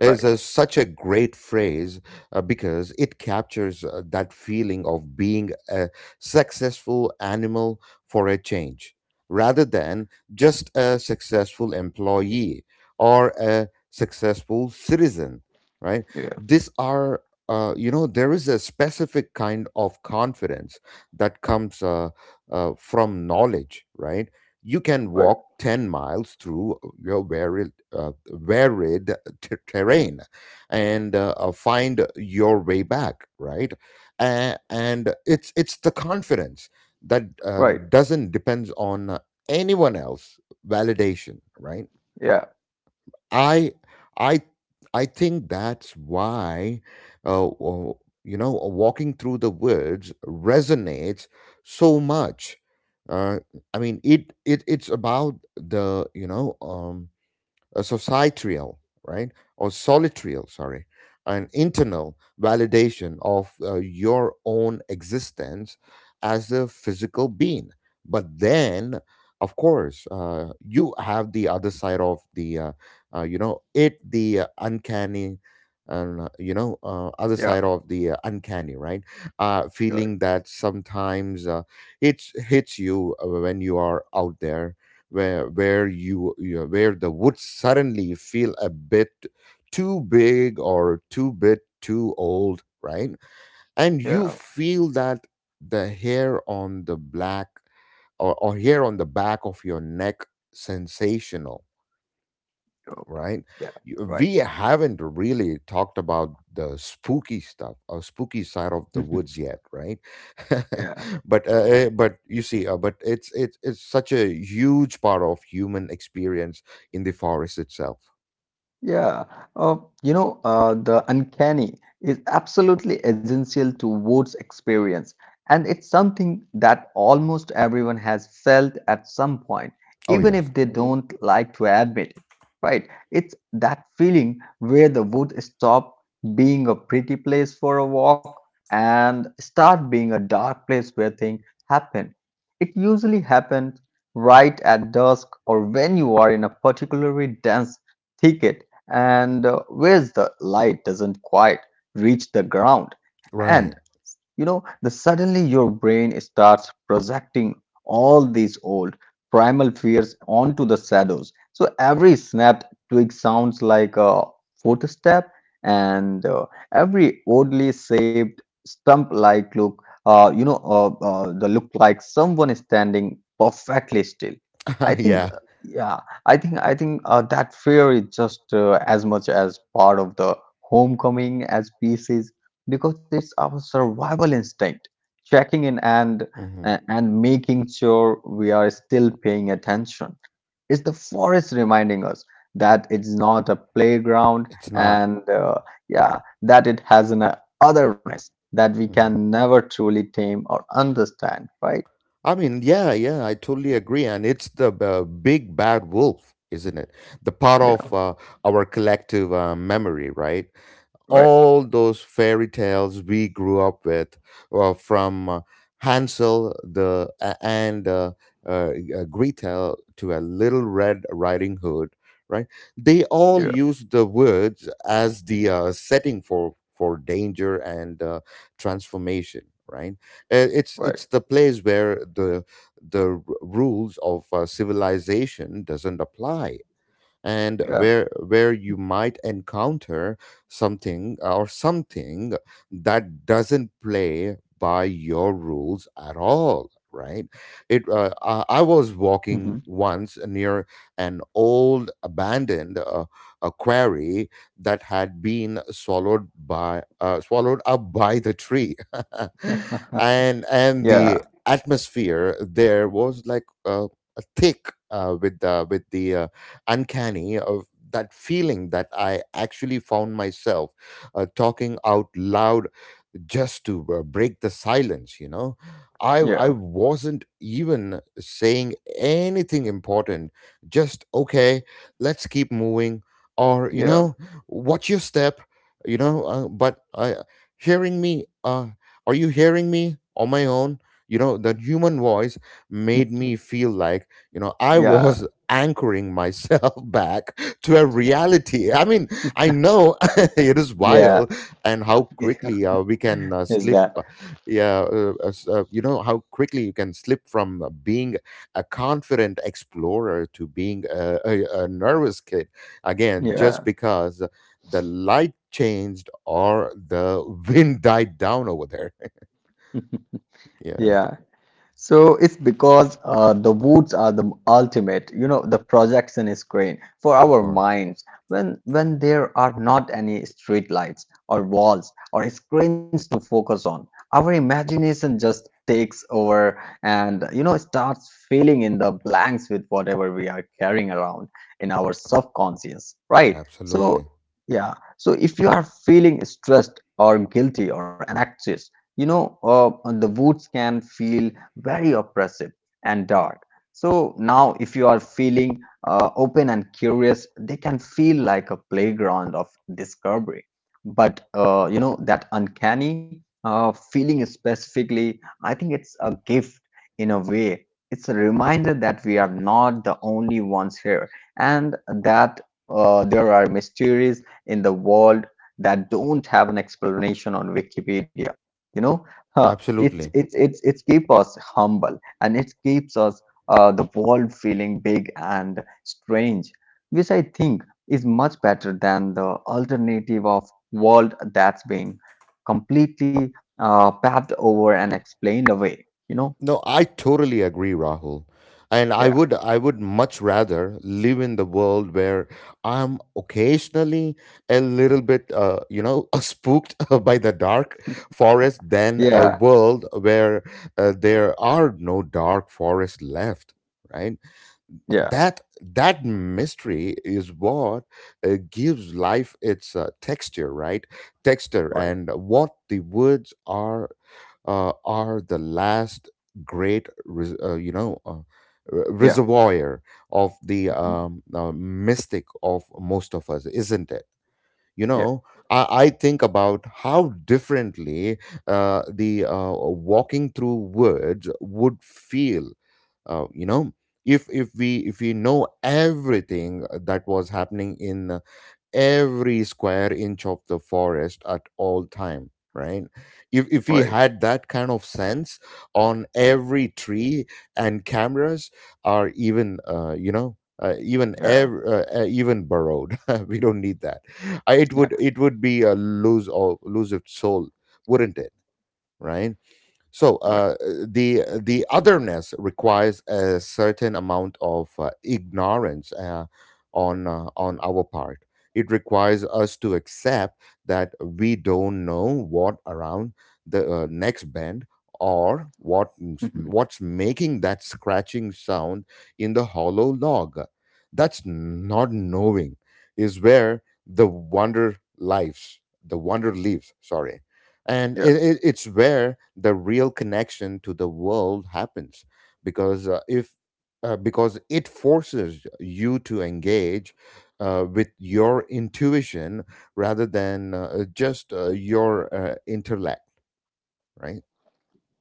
[SPEAKER 1] Is
[SPEAKER 2] Right,
[SPEAKER 1] a, such a great phrase, uh, because it captures uh, that feeling of being a successful animal for a change rather than just a successful employee or a successful citizen, right?
[SPEAKER 2] yeah,
[SPEAKER 1] These are. Uh, you know there is a specific kind of confidence that comes, uh, uh, from knowledge, right? You can
[SPEAKER 2] right,
[SPEAKER 1] walk 10 miles through uh, your varied, uh, varied ter- terrain, and uh, uh, find your way back, right. Uh, and it's it's the confidence that uh,
[SPEAKER 2] right,
[SPEAKER 1] doesn't depends on anyone else validation, right.
[SPEAKER 2] yeah,
[SPEAKER 1] I i i think that's why uh, w- you know walking through the woods resonates so much. uh, I mean, it, it it's about the, you know um a societal, right, or solitarial, sorry, an internal validation of uh, your own existence as a physical being. But then, of course, uh, you have the other side of the, uh, uh, you know, it the uh, uncanny. And uh, you know, uh, other
[SPEAKER 2] yeah,
[SPEAKER 1] side of the uh, uncanny, right? Uh,
[SPEAKER 2] right,
[SPEAKER 1] feeling that sometimes uh, it hits you uh, when you are out there, where where you, you know, where the woods suddenly feel a bit too big or too bit too old, right. And
[SPEAKER 2] yeah,
[SPEAKER 1] you feel that the hair on the black, or, or hair on the back of your neck sensational,
[SPEAKER 2] okay.
[SPEAKER 1] right?
[SPEAKER 2] Yeah,
[SPEAKER 1] You-
[SPEAKER 2] right,
[SPEAKER 1] We haven't really talked about the spooky stuff or spooky side of the woods yet, right?
[SPEAKER 2] yeah.
[SPEAKER 1] but uh, eh, but you see, uh, but it's it's it's such a huge part of human experience in the forest itself.
[SPEAKER 2] Yeah, uh, you know, uh, the uncanny is absolutely essential to Wood's experience, and it's something that almost everyone has felt at some point,
[SPEAKER 1] Oh
[SPEAKER 2] even
[SPEAKER 1] yes.
[SPEAKER 2] if they do don't like to admit it, right? It's that feeling where the wood stop being a pretty place for a walk and start being a dark place where things happen. It usually happens right at dusk or when you are in a particularly dense thicket and uh, where the light doesn't quite reach the ground. And
[SPEAKER 1] Right.
[SPEAKER 2] you know the suddenly your brain starts projecting all these old primal fears onto the shadows, so every snapped twig sounds like a footstep, and uh, every oddly shaped stump like look uh, you know uh, uh, the look like someone is standing perfectly still. I think
[SPEAKER 1] Yeah.
[SPEAKER 2] uh, yeah I think I think uh, that fear is just uh, as much as part of the homecoming as peace is, because it's our survival instinct checking in and
[SPEAKER 1] Hmm.
[SPEAKER 2] uh, and making sure we are still paying attention. It's the forest reminding us that it's not a playground
[SPEAKER 1] It's not.
[SPEAKER 2] and uh, yeah, that it has an uh, otherness that we
[SPEAKER 1] Mhm.
[SPEAKER 2] can never truly tame or understand, right?
[SPEAKER 1] I mean, yeah, yeah, I totally agree. And it's the uh, big bad wolf, isn't it? The part
[SPEAKER 2] Yeah,
[SPEAKER 1] of uh, our collective uh, memory, right?
[SPEAKER 2] right,
[SPEAKER 1] All those fairy tales we grew up with, uh, from uh, Hansel the a- and uh, uh, uh, Gretel to a Little Red Riding Hood, right? They all
[SPEAKER 2] yeah,
[SPEAKER 1] use the woods as the uh, setting for for danger and uh, transformation, right? Uh, It's
[SPEAKER 2] right,
[SPEAKER 1] it's the place where the the r- rules of uh, civilization doesn't apply, and
[SPEAKER 2] yeah,
[SPEAKER 1] where where you might encounter something or something that doesn't play by your rules at all, right. it uh, I I was walking
[SPEAKER 2] mhm,
[SPEAKER 1] once near an old abandoned uh, a quarry that had been swallowed by uh, swallowed up by the tree,
[SPEAKER 2] yeah,
[SPEAKER 1] and and the atmosphere there was like, uh, thick, uh, with the with the uh, uncanny of that feeling that I actually found myself uh, talking out loud just to uh, break the silence you know i
[SPEAKER 2] yeah,
[SPEAKER 1] i wasn't even saying anything important, just, okay, let's keep moving, or, you
[SPEAKER 2] yeah,
[SPEAKER 1] know, watch your step. You know uh, but I, hearing me uh, are you hearing me on my own, you know, the human voice made me feel like, you know, I
[SPEAKER 2] yeah,
[SPEAKER 1] was anchoring myself back to a reality. I mean, I know, it is
[SPEAKER 2] yeah,
[SPEAKER 1] wild. And how quickly uh, we can uh,
[SPEAKER 2] is that,
[SPEAKER 1] slip. Uh, yeah, uh, uh, s- uh, you know how quickly you can slip from uh, being a confident explorer to being a, a, a nervous kid again,
[SPEAKER 2] yeah,
[SPEAKER 1] just because the light changed or the wind died down over there. Yeah.
[SPEAKER 2] yeah. So it's because uh, the woods are the ultimate, you know, the projection screen for
[SPEAKER 1] Of
[SPEAKER 2] our
[SPEAKER 1] course.
[SPEAKER 2] minds. When when there are not any street lights or walls or screens to focus on, our imagination just takes over, and you know starts filling in the blanks with whatever we are carrying around in our subconscious, right? So
[SPEAKER 1] Absolutely.
[SPEAKER 2] yeah, so if you are feeling stressed or guilty or anxious, you know, uh, the woods can feel very oppressive and dark. So now, if you are feeling uh, open and curious, they can feel like a playground of discovery. But uh, you know that uncanny uh, feeling specifically, I think it's a gift in a way. It's a reminder that we are not the only ones here, and that uh, there are mysteries in the world that don't have an explanation on Wikipedia, you know. uh, it's
[SPEAKER 1] Absolutely.
[SPEAKER 2] it's it's it keeps us humble and it keeps us uh, the world feeling big and strange, which I think is much better than the alternative of world that's being completely uh, paved over and explained away, you know.
[SPEAKER 1] No, I totally agree, Rahul. And I
[SPEAKER 2] Yeah,
[SPEAKER 1] would I would much rather live in the world where I'm occasionally a little bit, uh, you know spooked by the dark forest than
[SPEAKER 2] yeah,
[SPEAKER 1] a world where uh, there are no dark forest left, right?
[SPEAKER 2] yeah,
[SPEAKER 1] that that mystery is what uh, gives life its uh, texture, right. Texture
[SPEAKER 2] right,
[SPEAKER 1] and what the woods are uh, are the last great res- uh, you know uh, re-
[SPEAKER 2] yeah,
[SPEAKER 1] reservoir of the
[SPEAKER 2] mhm,
[SPEAKER 1] um, uh, mystic of most of us, isn't it? you
[SPEAKER 2] yeah,
[SPEAKER 1] know i, I think about how differently uh, the uh, walking through words would feel, uh, you know if if we if we know everything that was happening in every square inch of the forest at all time, right. If if we
[SPEAKER 2] right,
[SPEAKER 1] had that kind of sense on every tree and cameras are even uh, you know uh, even
[SPEAKER 2] yeah,
[SPEAKER 1] ev- uh, uh, even burrowed. We don't need that. Uh, it
[SPEAKER 2] yeah,
[SPEAKER 1] would it would be a lose all lose its soul, wouldn't it? Right. So
[SPEAKER 2] right,
[SPEAKER 1] uh, the the otherness requires a certain amount of uh, ignorance, uh, on uh, on our part. It requires us to accept that we don't know what around the uh, next bend, or what
[SPEAKER 2] mhm,
[SPEAKER 1] what's making that scratching sound in the hollow log. That's not knowing is where the wonder lives. The wonder lives. Sorry. And
[SPEAKER 2] yeah.
[SPEAKER 1] it, it, it's where the real connection to the world happens, because uh, if uh, because it forces you to engage uh, with your intuition rather than uh, just uh, your uh, intellect, right.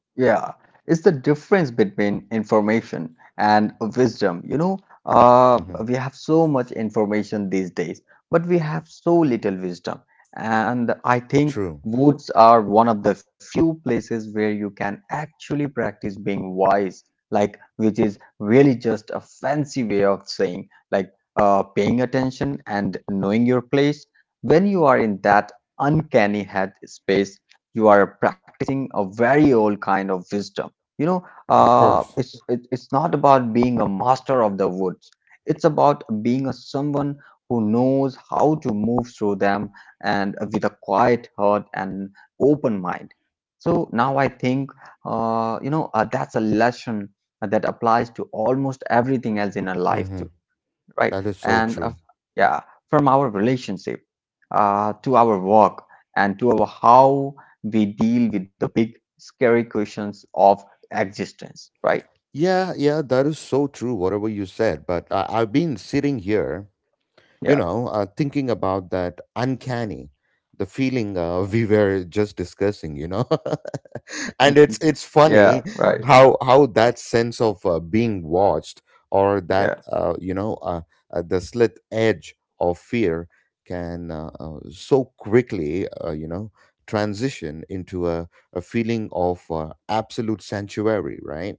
[SPEAKER 2] Yeah, it's the difference between information and wisdom. You know, uh,
[SPEAKER 1] Hmm.
[SPEAKER 2] we have so much information these days, but we have so little wisdom. And I think
[SPEAKER 1] True.
[SPEAKER 2] woods are one of the few places where you can actually practice being wise, like, which is really just a fancy way of saying, like, uh, paying attention and knowing your place. When you are in that uncanny head space, you are practicing a very old kind of wisdom. You know,
[SPEAKER 1] Of
[SPEAKER 2] uh,
[SPEAKER 1] course.
[SPEAKER 2] it's it, it's not about being a master of the woods. It's about being a someone who knows how to move through them and with a quiet heart and open mind. So now I think, uh, you know, uh, that's a lesson that applies to almost everything else in our life
[SPEAKER 1] Hmm.
[SPEAKER 2] too, right?
[SPEAKER 1] That is so
[SPEAKER 2] And uh,
[SPEAKER 1] true.
[SPEAKER 2] yeah, from our relationship uh, to our work and to our how we deal with the big scary questions of existence, right?
[SPEAKER 1] Yeah, yeah, that is so true whatever you said, but I, i've been sitting here, you
[SPEAKER 2] Yeah,
[SPEAKER 1] know, uh, thinking about that uncanny, the feeling, uh, we were just discussing, you know, and
[SPEAKER 2] mhm,
[SPEAKER 1] it's it's
[SPEAKER 2] yeah. Yeah,
[SPEAKER 1] funny
[SPEAKER 2] right,
[SPEAKER 1] how how that sense of uh, being watched or
[SPEAKER 2] yeah,
[SPEAKER 1] that, uh, you know uh, uh, the slit edge of fear can, uh, uh, so quickly, uh, you know transition into a, a feeling of uh, absolute sanctuary, right?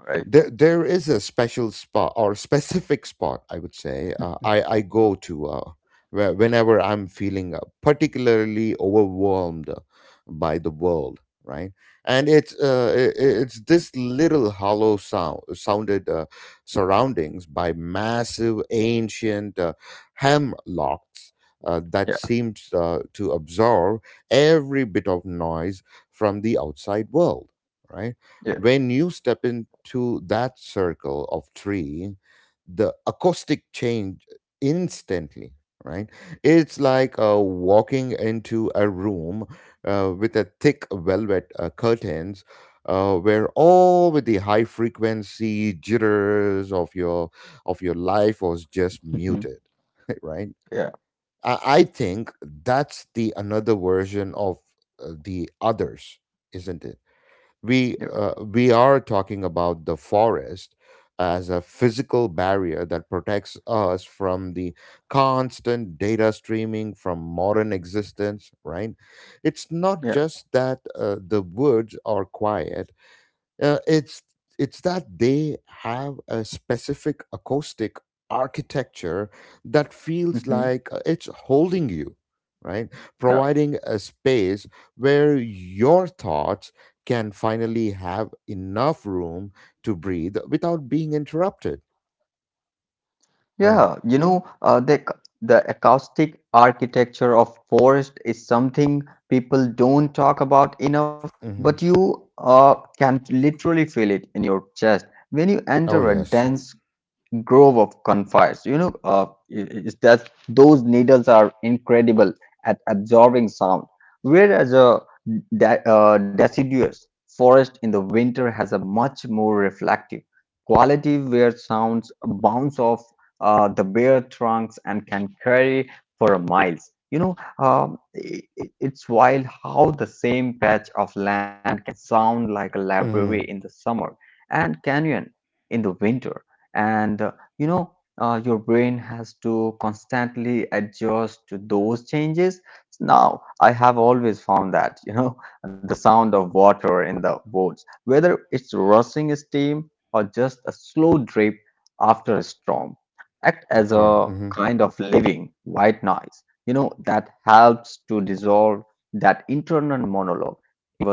[SPEAKER 2] right,
[SPEAKER 1] There, there is a special spot, or specific spot, I would say. Uh, I I go to, uh, where, whenever I'm feeling uh, particularly overwhelmed uh, by the world, right? And it's uh, i i- it's this little hollow sound sounded, uh, surroundings by massive ancient uh, hemlocks uh, that
[SPEAKER 2] yeah,
[SPEAKER 1] seems uh, to absorb every bit of noise from the outside world, right?
[SPEAKER 2] yeah,
[SPEAKER 1] When you step into that circle of three, the acoustic change instantly, right. It's like, uh, walking into a room uh, with a thick velvet uh, curtains, uh, where all with the high frequency jitters of your of your life was just
[SPEAKER 2] mhm,
[SPEAKER 1] muted. Right.
[SPEAKER 2] yeah,
[SPEAKER 1] I, I think that's the another version of uh, the others, isn't it? we
[SPEAKER 2] yeah,
[SPEAKER 1] uh, we are talking about the forest as a physical barrier that protects us from the constant data streaming from modern existence, right. It's not
[SPEAKER 2] yeah,
[SPEAKER 1] just that uh, the woods are quiet. Uh, it's it's that they have a specific acoustic architecture that feels
[SPEAKER 2] mhm,
[SPEAKER 1] like uh, it's holding you, right?
[SPEAKER 2] yeah,
[SPEAKER 1] Providing a space where your thoughts can finally have enough room to breathe without being interrupted, right?
[SPEAKER 2] yeah. You know, uh, the ac- the acoustic architecture of forest is something people don't talk about enough,
[SPEAKER 1] Hmm.
[SPEAKER 2] but you uh, can literally feel it in your chest when you
[SPEAKER 1] Oh
[SPEAKER 2] enter a
[SPEAKER 1] yes.
[SPEAKER 2] dense grove of conifers. You know, uh, i- i- is that those needles are incredible at absorbing sound, whereas a de- uh, deciduous forest in the winter has a much more reflective quality where sounds bounce off uh, the bare trunks and can carry for a miles. You know, um, i i- it's wild how the same patch of land can sound like a library
[SPEAKER 1] Hmm.
[SPEAKER 2] in the summer and canyon in the winter. And uh, you know uh, your brain has to constantly adjust to those changes. Now I have always found that, you know, the sound of water in the boats, whether it's rushing steam or just a slow drip after a storm, act as
[SPEAKER 1] For,
[SPEAKER 2] a
[SPEAKER 1] hmm.
[SPEAKER 2] kind of living white noise, you know, that helps to dissolve that internal monologue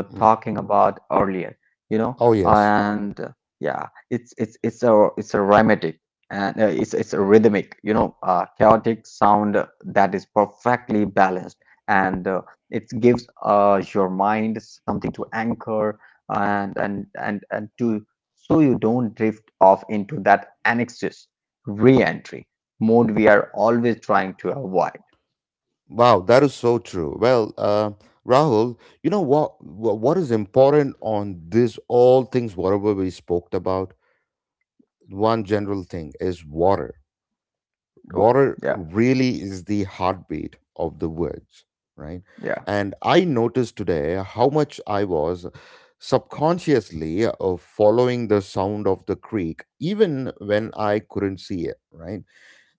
[SPEAKER 2] were talking about earlier, you
[SPEAKER 1] Oh
[SPEAKER 2] know,
[SPEAKER 1] yes.
[SPEAKER 2] and uh, yeah, it's it's it's a it's a rhythmic and uh, it's it's a rhythmic, you know, uh, chaotic sound that is perfectly balanced, and uh, it gives uh, your mind something to anchor and and and and to, so you don't drift off into that anxious re-entry mode we are always trying to avoid.
[SPEAKER 1] Wow, that is so true. Well, uh, Rahul, you know what? wha- What is important on this? All things, whatever we spoke about, one general thing is water.
[SPEAKER 2] Oh,
[SPEAKER 1] Water
[SPEAKER 2] yeah,
[SPEAKER 1] really is the heartbeat of the words, right?
[SPEAKER 2] yeah,
[SPEAKER 1] And I noticed today how much I was subconsciously uh, following the sound of the creek, even when I couldn't see it, right?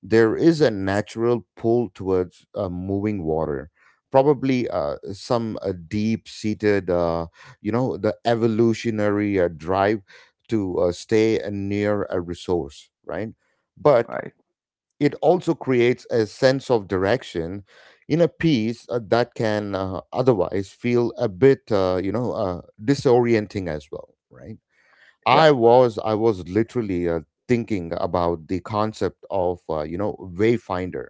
[SPEAKER 1] There is a natural pull towards uh, moving water, probably uh, some uh, deep seated, uh, you know the evolutionary uh, drive to uh, stay uh, near a resource, right, but
[SPEAKER 2] right,
[SPEAKER 1] it also creates a sense of direction in a piece uh, that can uh, otherwise feel a bit, uh, you know uh, disorienting as well, right.
[SPEAKER 2] yeah,
[SPEAKER 1] I was I was literally uh, thinking about the concept of, uh, you know Wayfinder,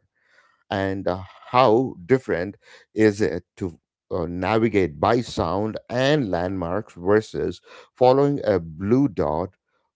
[SPEAKER 1] and uh, how different is it to uh, navigate by sound and landmarks versus following a blue dot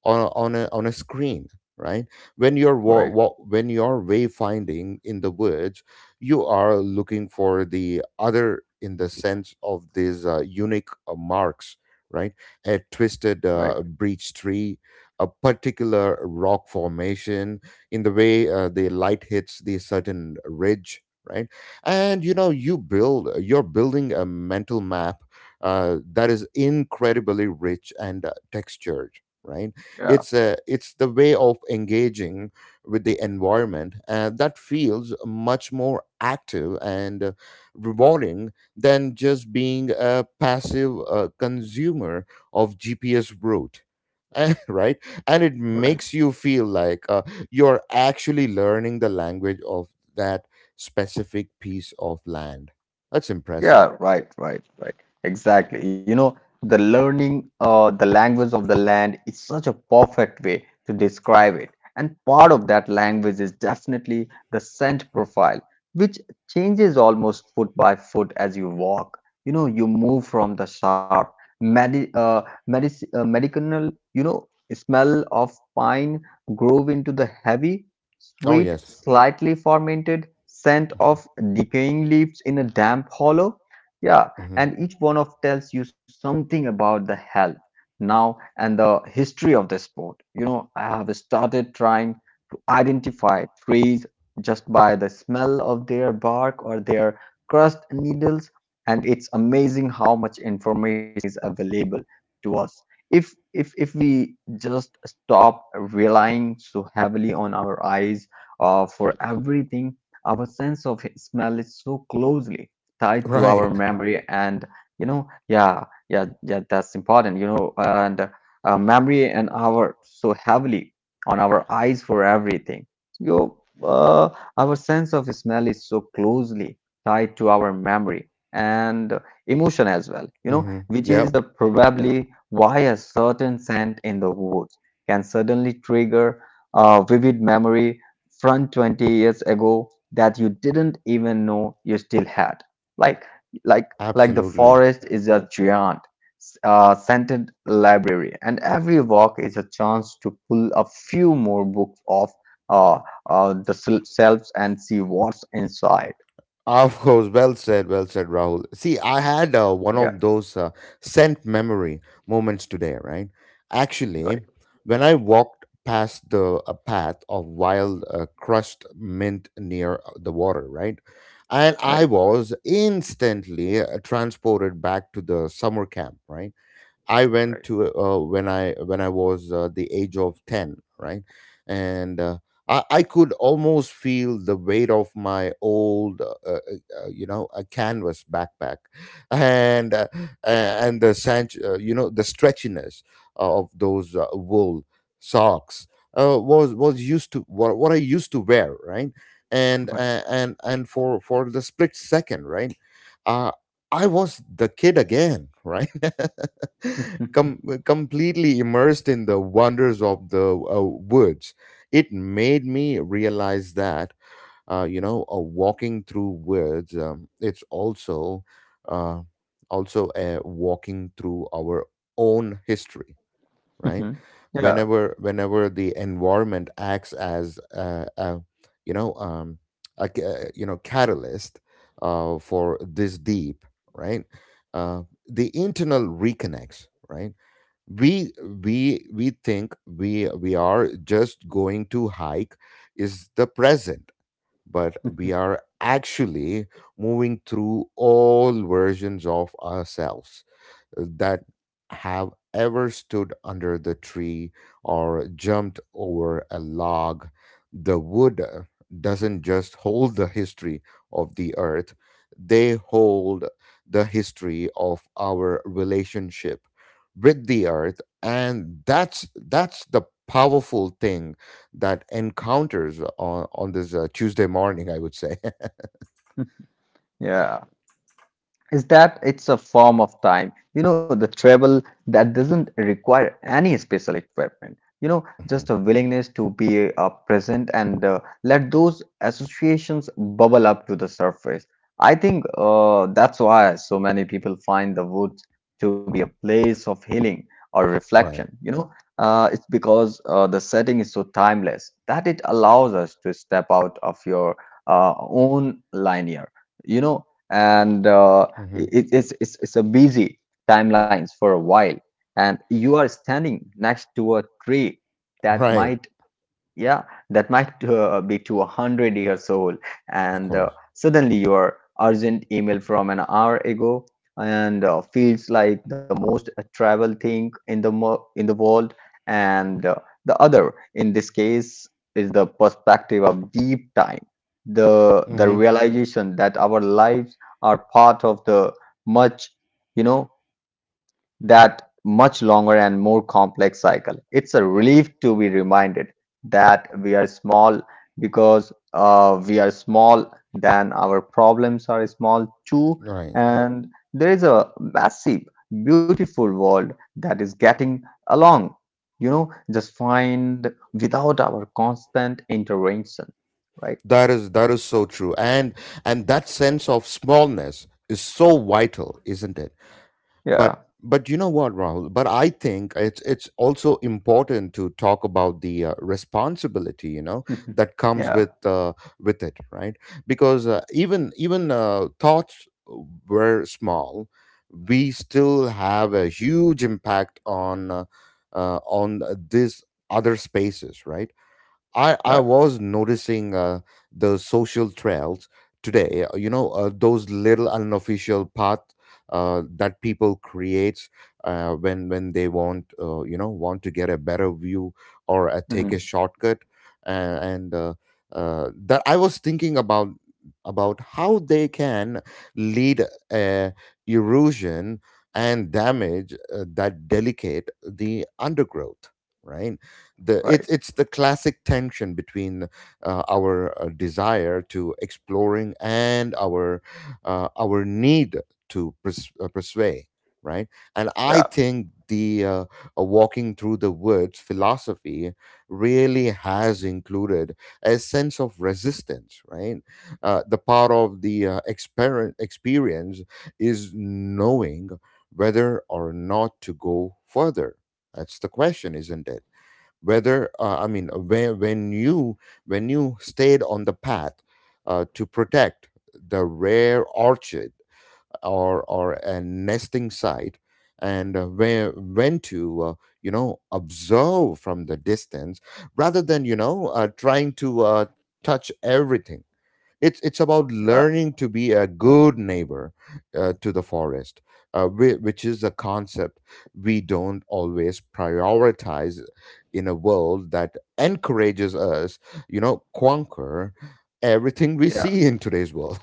[SPEAKER 1] on, on, a, on a screen, right. When you're wa-
[SPEAKER 2] right,
[SPEAKER 1] wa- when you're wayfinding in the woods, you are looking for the other in the sense of these uh, unique uh, marks, right. A twisted
[SPEAKER 2] right,
[SPEAKER 1] uh, breech tree, a particular rock formation, in the way uh, the light hits the certain ridge, right. And, you know, you build you're building a mental map uh, that is incredibly rich and uh, textured, right.
[SPEAKER 2] yeah,
[SPEAKER 1] It's a it's the way of engaging with the environment uh, that feels much more active and uh, rewarding than just being a passive uh, consumer of gps route. Right. And it
[SPEAKER 2] right.
[SPEAKER 1] makes you feel like uh, you're actually learning the language of that specific piece of land. That's impressive.
[SPEAKER 2] Yeah, right, right, right. Exactly. You know, the learning uh, the language of the land is such a perfect way to describe it. And part of that language is definitely the scent profile, which changes almost foot by foot as you walk. You know, you move from the sharp medi uh, medic uh, medicinal, you know, smell of pine grove into the heavy
[SPEAKER 1] Oh,
[SPEAKER 2] sweet,
[SPEAKER 1] yes.
[SPEAKER 2] slightly fermented scent of decaying leaves in a damp hollow. Yeah,
[SPEAKER 1] Hmm.
[SPEAKER 2] and each one of tells you something about the health now and the history of the sport. You know, I have started trying to identify trees just by the smell of their bark or their crust needles, and it's amazing how much information is available to us if if if we just stop relying so heavily on our eyes uh, for everything. Our sense of smell is so closely tied to our
[SPEAKER 1] Right.
[SPEAKER 2] memory and, you know, yeah, yeah, yeah, that's important, you know. And uh, memory and our so heavily on our eyes for everything. You uh, our sense of smell is so closely tied to our memory and emotion as well, you know,
[SPEAKER 1] Hmm.
[SPEAKER 2] which is
[SPEAKER 1] Yep.
[SPEAKER 2] the probably why a certain scent in the woods can suddenly trigger a vivid memory from twenty years ago that you didn't even know you still had. Like, like, like the
[SPEAKER 1] Absolutely.
[SPEAKER 2] forest is a giant uh, scented library, and every walk is a chance to pull a few more books off uh, uh, the sel- shelves and see what's inside.
[SPEAKER 1] Of course, well said, well said, Rahul. See, I had uh, one
[SPEAKER 2] Yeah,
[SPEAKER 1] of those uh, scent memory moments today, right? Actually,
[SPEAKER 2] right,
[SPEAKER 1] when I walked past the a path of wild uh, crushed mint near uh, the water, right? And
[SPEAKER 2] right,
[SPEAKER 1] I was instantly uh, transported back to the summer camp, right? I
[SPEAKER 2] right,
[SPEAKER 1] went to, uh, when I when I was uh, the age of ten, right? And uh, I, I could almost feel the weight of my old, uh, uh, uh, you know, a canvas backpack, and uh, a- and the sanch, uh, you know, the stretchiness of those uh, wool socks uh, was was used to what, what I used to wear, right? And
[SPEAKER 2] right.
[SPEAKER 1] uh, and and for for the split second, right? Uh, I was the kid again, right? com- completely immersed in the wonders of the uh, woods. It made me realize that, uh, you know, uh, walking through woods, um, it's also, uh, also, uh, walking through our own history, right?
[SPEAKER 2] Yeah,
[SPEAKER 1] Whenever whenever the environment acts as, uh, uh, you know um, a, ca- uh, you know catalyst uh, for this deep, right? Uh, the internal reconnects, right? we we we think we we are just going to hike is the present, but we are actually moving through all versions of ourselves that have ever stood under the tree or jumped over a log. The wood uh, doesn't just hold the history of the earth, they hold the history of our relationship with the earth, and that's that's the powerful thing that encounters on, on this uh, Tuesday morning, I would say.
[SPEAKER 2] yeah. Is that it's a form of time. You know, the travel that doesn't require any special equipment. You know,
[SPEAKER 1] Mhm.
[SPEAKER 2] just a willingness to be uh, present and uh, let those associations bubble up to the surface. I think uh, that's why so many people find the woods to be a place of healing or
[SPEAKER 1] Right.
[SPEAKER 2] reflection. You know, uh, it's because uh, the setting is so timeless that it allows us to step out of your uh, own linear. You know, and uh,
[SPEAKER 1] Hmm.
[SPEAKER 2] it, it's, it's it's a busy timelines for a while and you are standing next to a tree that
[SPEAKER 1] Right.
[SPEAKER 2] might, yeah, that might uh, be to a hundred years old.
[SPEAKER 1] Of
[SPEAKER 2] And uh,
[SPEAKER 1] course.
[SPEAKER 2] suddenly, your urgent email from an hour ago and uh, feels like the most travel thing in the mo in the world. And uh, the other, in this case, is the perspective of deep time, the the
[SPEAKER 1] Hmm.
[SPEAKER 2] realization that our lives are part of the much, you know, that much longer and more complex cycle. It's a relief to be reminded that we are small, because uh, we are small, then our problems are small too.
[SPEAKER 1] Right.
[SPEAKER 2] And there is a massive, beautiful world that is getting along, you know, just find without our constant intervention, right?
[SPEAKER 1] That is, that is so true. and and that sense of smallness is so vital, isn't it? but
[SPEAKER 2] Yeah.
[SPEAKER 1] but you know what, Rahul? But I think it's it's also important to talk about the uh, responsibility, you know,
[SPEAKER 2] Mhm.
[SPEAKER 1] that comes
[SPEAKER 2] Yeah.
[SPEAKER 1] with uh, with it, right? Because uh, even even uh, thoughts were small, we still have a huge impact on uh, uh, on these other spaces, right? I
[SPEAKER 2] Yeah.
[SPEAKER 1] I was noticing uh, the social trails today. uh, You know, uh, those little unofficial path uh, that people create uh, when when they want, uh, you know, want to get a better view or uh, take
[SPEAKER 2] Mhm.
[SPEAKER 1] a shortcut, uh, and uh, uh, that I was thinking about, about how they can lead uh, erosion and damage uh, that delicate the undergrowth, right? the
[SPEAKER 2] Right.
[SPEAKER 1] it's it's the classic tension between uh, our uh, desire to exploring and our uh, our need to pers- uh, persuade, right? And
[SPEAKER 2] Yeah.
[SPEAKER 1] I think the uh, uh, walking through the woods philosophy really has included a sense of resistance, right? Uh, the part of the uh, exper- experience is knowing whether or not to go further. That's the question, isn't it? Whether uh, I mean, uh, when, when you, when you stayed on the path uh, to protect the rare orchid or or a nesting site, and uh, where when to uh, you know, observe from the distance rather than, you know, uh, trying to uh, touch everything. it's it's about
[SPEAKER 2] Yeah.
[SPEAKER 1] learning to be a good neighbor uh, to the forest, uh, whi- which is a concept we don't always prioritize in a world that encourages us, you know, conquer everything we
[SPEAKER 2] Yeah.
[SPEAKER 1] see in today's world.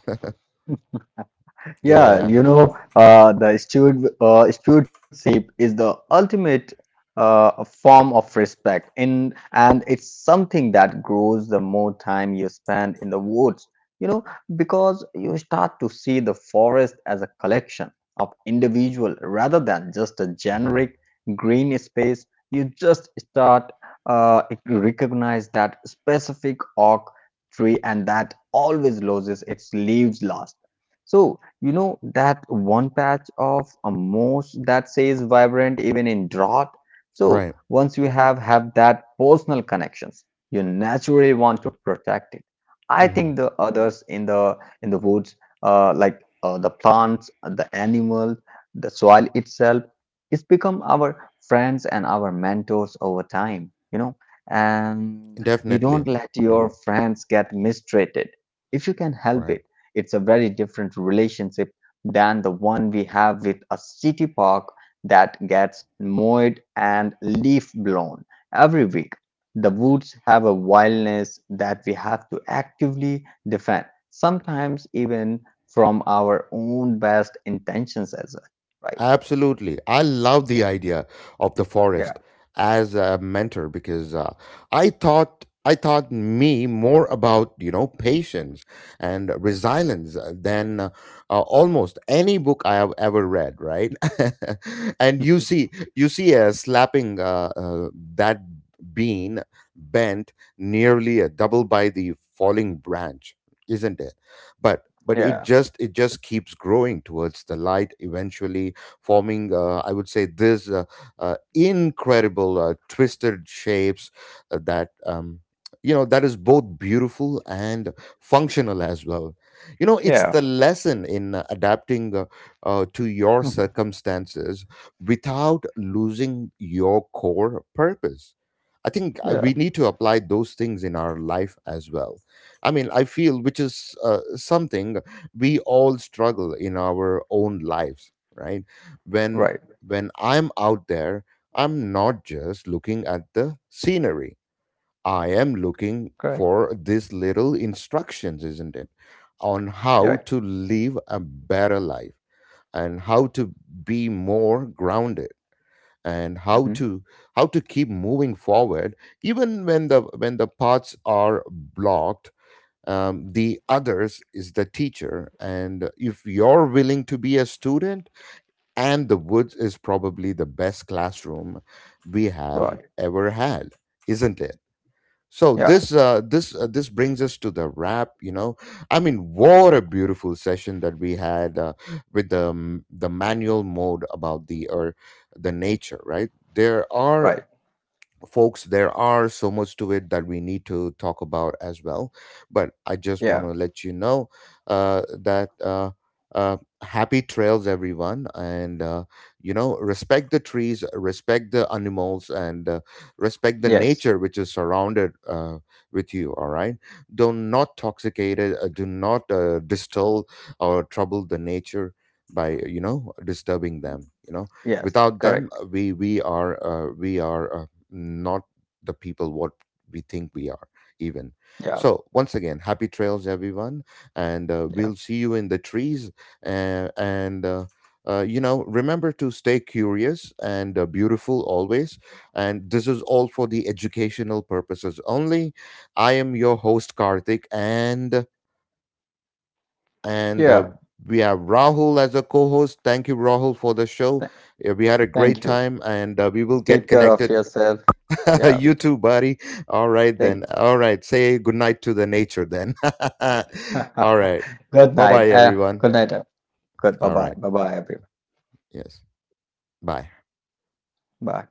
[SPEAKER 2] Yeah,
[SPEAKER 1] Yeah.
[SPEAKER 2] you know, uh, the steward uh, stewardship is the ultimate uh, form of respect, in and it's something that grows the more time you spend in the woods. You know, because you start to see the forest as a collection of individual rather than just a
[SPEAKER 1] Hmm.
[SPEAKER 2] generic green space. You just start uh, recognize that specific oak tree and that always loses its leaves last. So you know, that one patch of a moss that says vibrant even in drought. So
[SPEAKER 1] Right.
[SPEAKER 2] once you have have that personal connections, you naturally want to protect it. I
[SPEAKER 1] Hmm.
[SPEAKER 2] think the others in the in the woods, uh, like uh, the plants, the animal, the soil itself, it's become our friends and our mentors over time. You know, and you don't
[SPEAKER 1] Definitely.
[SPEAKER 2] let
[SPEAKER 1] Hmm.
[SPEAKER 2] your friends get mistreated if you can help
[SPEAKER 1] Right.
[SPEAKER 2] it. It's a very different relationship than the one we have with a city park that gets mowed and leaf blown every week. The woods have a wildness that we have to actively defend, sometimes even from our own best intentions as well. Right.
[SPEAKER 1] Absolutely. I love the idea of the
[SPEAKER 2] Yeah.
[SPEAKER 1] forest as a mentor, because uh, I thought I taught me more about, you know, patience and resilience than uh, uh, almost any book I have ever read, right? And you see you see a slapping, uh, uh, that bean bent nearly a double by the falling branch, isn't it? But but it
[SPEAKER 2] Yeah.
[SPEAKER 1] just, it just keeps growing towards the light, eventually forming, uh, I would say, this uh, uh, incredible uh, twisted shapes uh, that. Um, you know, that is both beautiful and functional as well. You know, it's
[SPEAKER 2] Yeah.
[SPEAKER 1] the lesson in uh, adapting uh, uh, to your
[SPEAKER 2] Mhm.
[SPEAKER 1] circumstances without losing your core purpose. I think uh,
[SPEAKER 2] Yeah.
[SPEAKER 1] we need to apply those things in our life as well. I mean, I feel, which is uh, something we all struggle in our own lives, right? when
[SPEAKER 2] Right.
[SPEAKER 1] when I'm out there, I'm not just looking at the scenery. I am looking
[SPEAKER 2] Correct.
[SPEAKER 1] for these little instructions, isn't it, on
[SPEAKER 2] Yeah,
[SPEAKER 1] how
[SPEAKER 2] right.
[SPEAKER 1] to live a better life, and how to be more grounded, and how
[SPEAKER 2] Hmm.
[SPEAKER 1] to, how to keep moving forward even when the when the paths are blocked. Um, the others is the teacher, and if you're willing to be a student, and the woods is probably the best classroom we have
[SPEAKER 2] Right.
[SPEAKER 1] ever had, isn't it? So
[SPEAKER 2] Yeah.
[SPEAKER 1] this uh, this uh, this brings us to the wrap, you know. I mean, what a beautiful session that we had uh, with the um, the manual mode about the or the nature, right? There
[SPEAKER 2] Right.
[SPEAKER 1] are folks, there are so much to it that we need to talk about as well. But I just
[SPEAKER 2] Yeah.
[SPEAKER 1] want to let you know uh, that uh, uh, happy trails, everyone, and uh, you know, respect the trees, respect the animals, and uh, respect the
[SPEAKER 2] Yes.
[SPEAKER 1] nature which is surrounded uh, with you all, right? Do not toxicate it. Uh, do not uh, distill or trouble the nature by, you know, disturbing them, you know.
[SPEAKER 2] Yes.
[SPEAKER 1] Without them,
[SPEAKER 2] Correct.
[SPEAKER 1] uh, we we are, uh, we are, uh, not the people what we think we are, even.
[SPEAKER 2] Yeah.
[SPEAKER 1] So once again, happy trails, everyone, and uh,
[SPEAKER 2] Yeah.
[SPEAKER 1] we'll see you in the trees. Uh, and uh, uh, You know, remember to stay curious and, uh, beautiful always. And this is all for the educational purposes only. I am your host, Karthik, and and
[SPEAKER 2] Yeah.
[SPEAKER 1] uh, we have Rahul as a co-host. Thank you, Rahul, for the show. Yeah, we had a great
[SPEAKER 2] Thank you.
[SPEAKER 1] time, and uh, we will get
[SPEAKER 2] Take care of
[SPEAKER 1] connected.
[SPEAKER 2] yourself. Yeah.
[SPEAKER 1] You too, buddy. All right,
[SPEAKER 2] Thank.
[SPEAKER 1] then. All right. Say goodnight to the nature, then. All right.
[SPEAKER 2] Good
[SPEAKER 1] Bye
[SPEAKER 2] night.
[SPEAKER 1] bye,
[SPEAKER 2] Uh,
[SPEAKER 1] everyone.
[SPEAKER 2] good night. uh, Good. Bye
[SPEAKER 1] All
[SPEAKER 2] bye.
[SPEAKER 1] right.
[SPEAKER 2] Bye bye, everyone.
[SPEAKER 1] Yes. Bye.
[SPEAKER 2] Bye.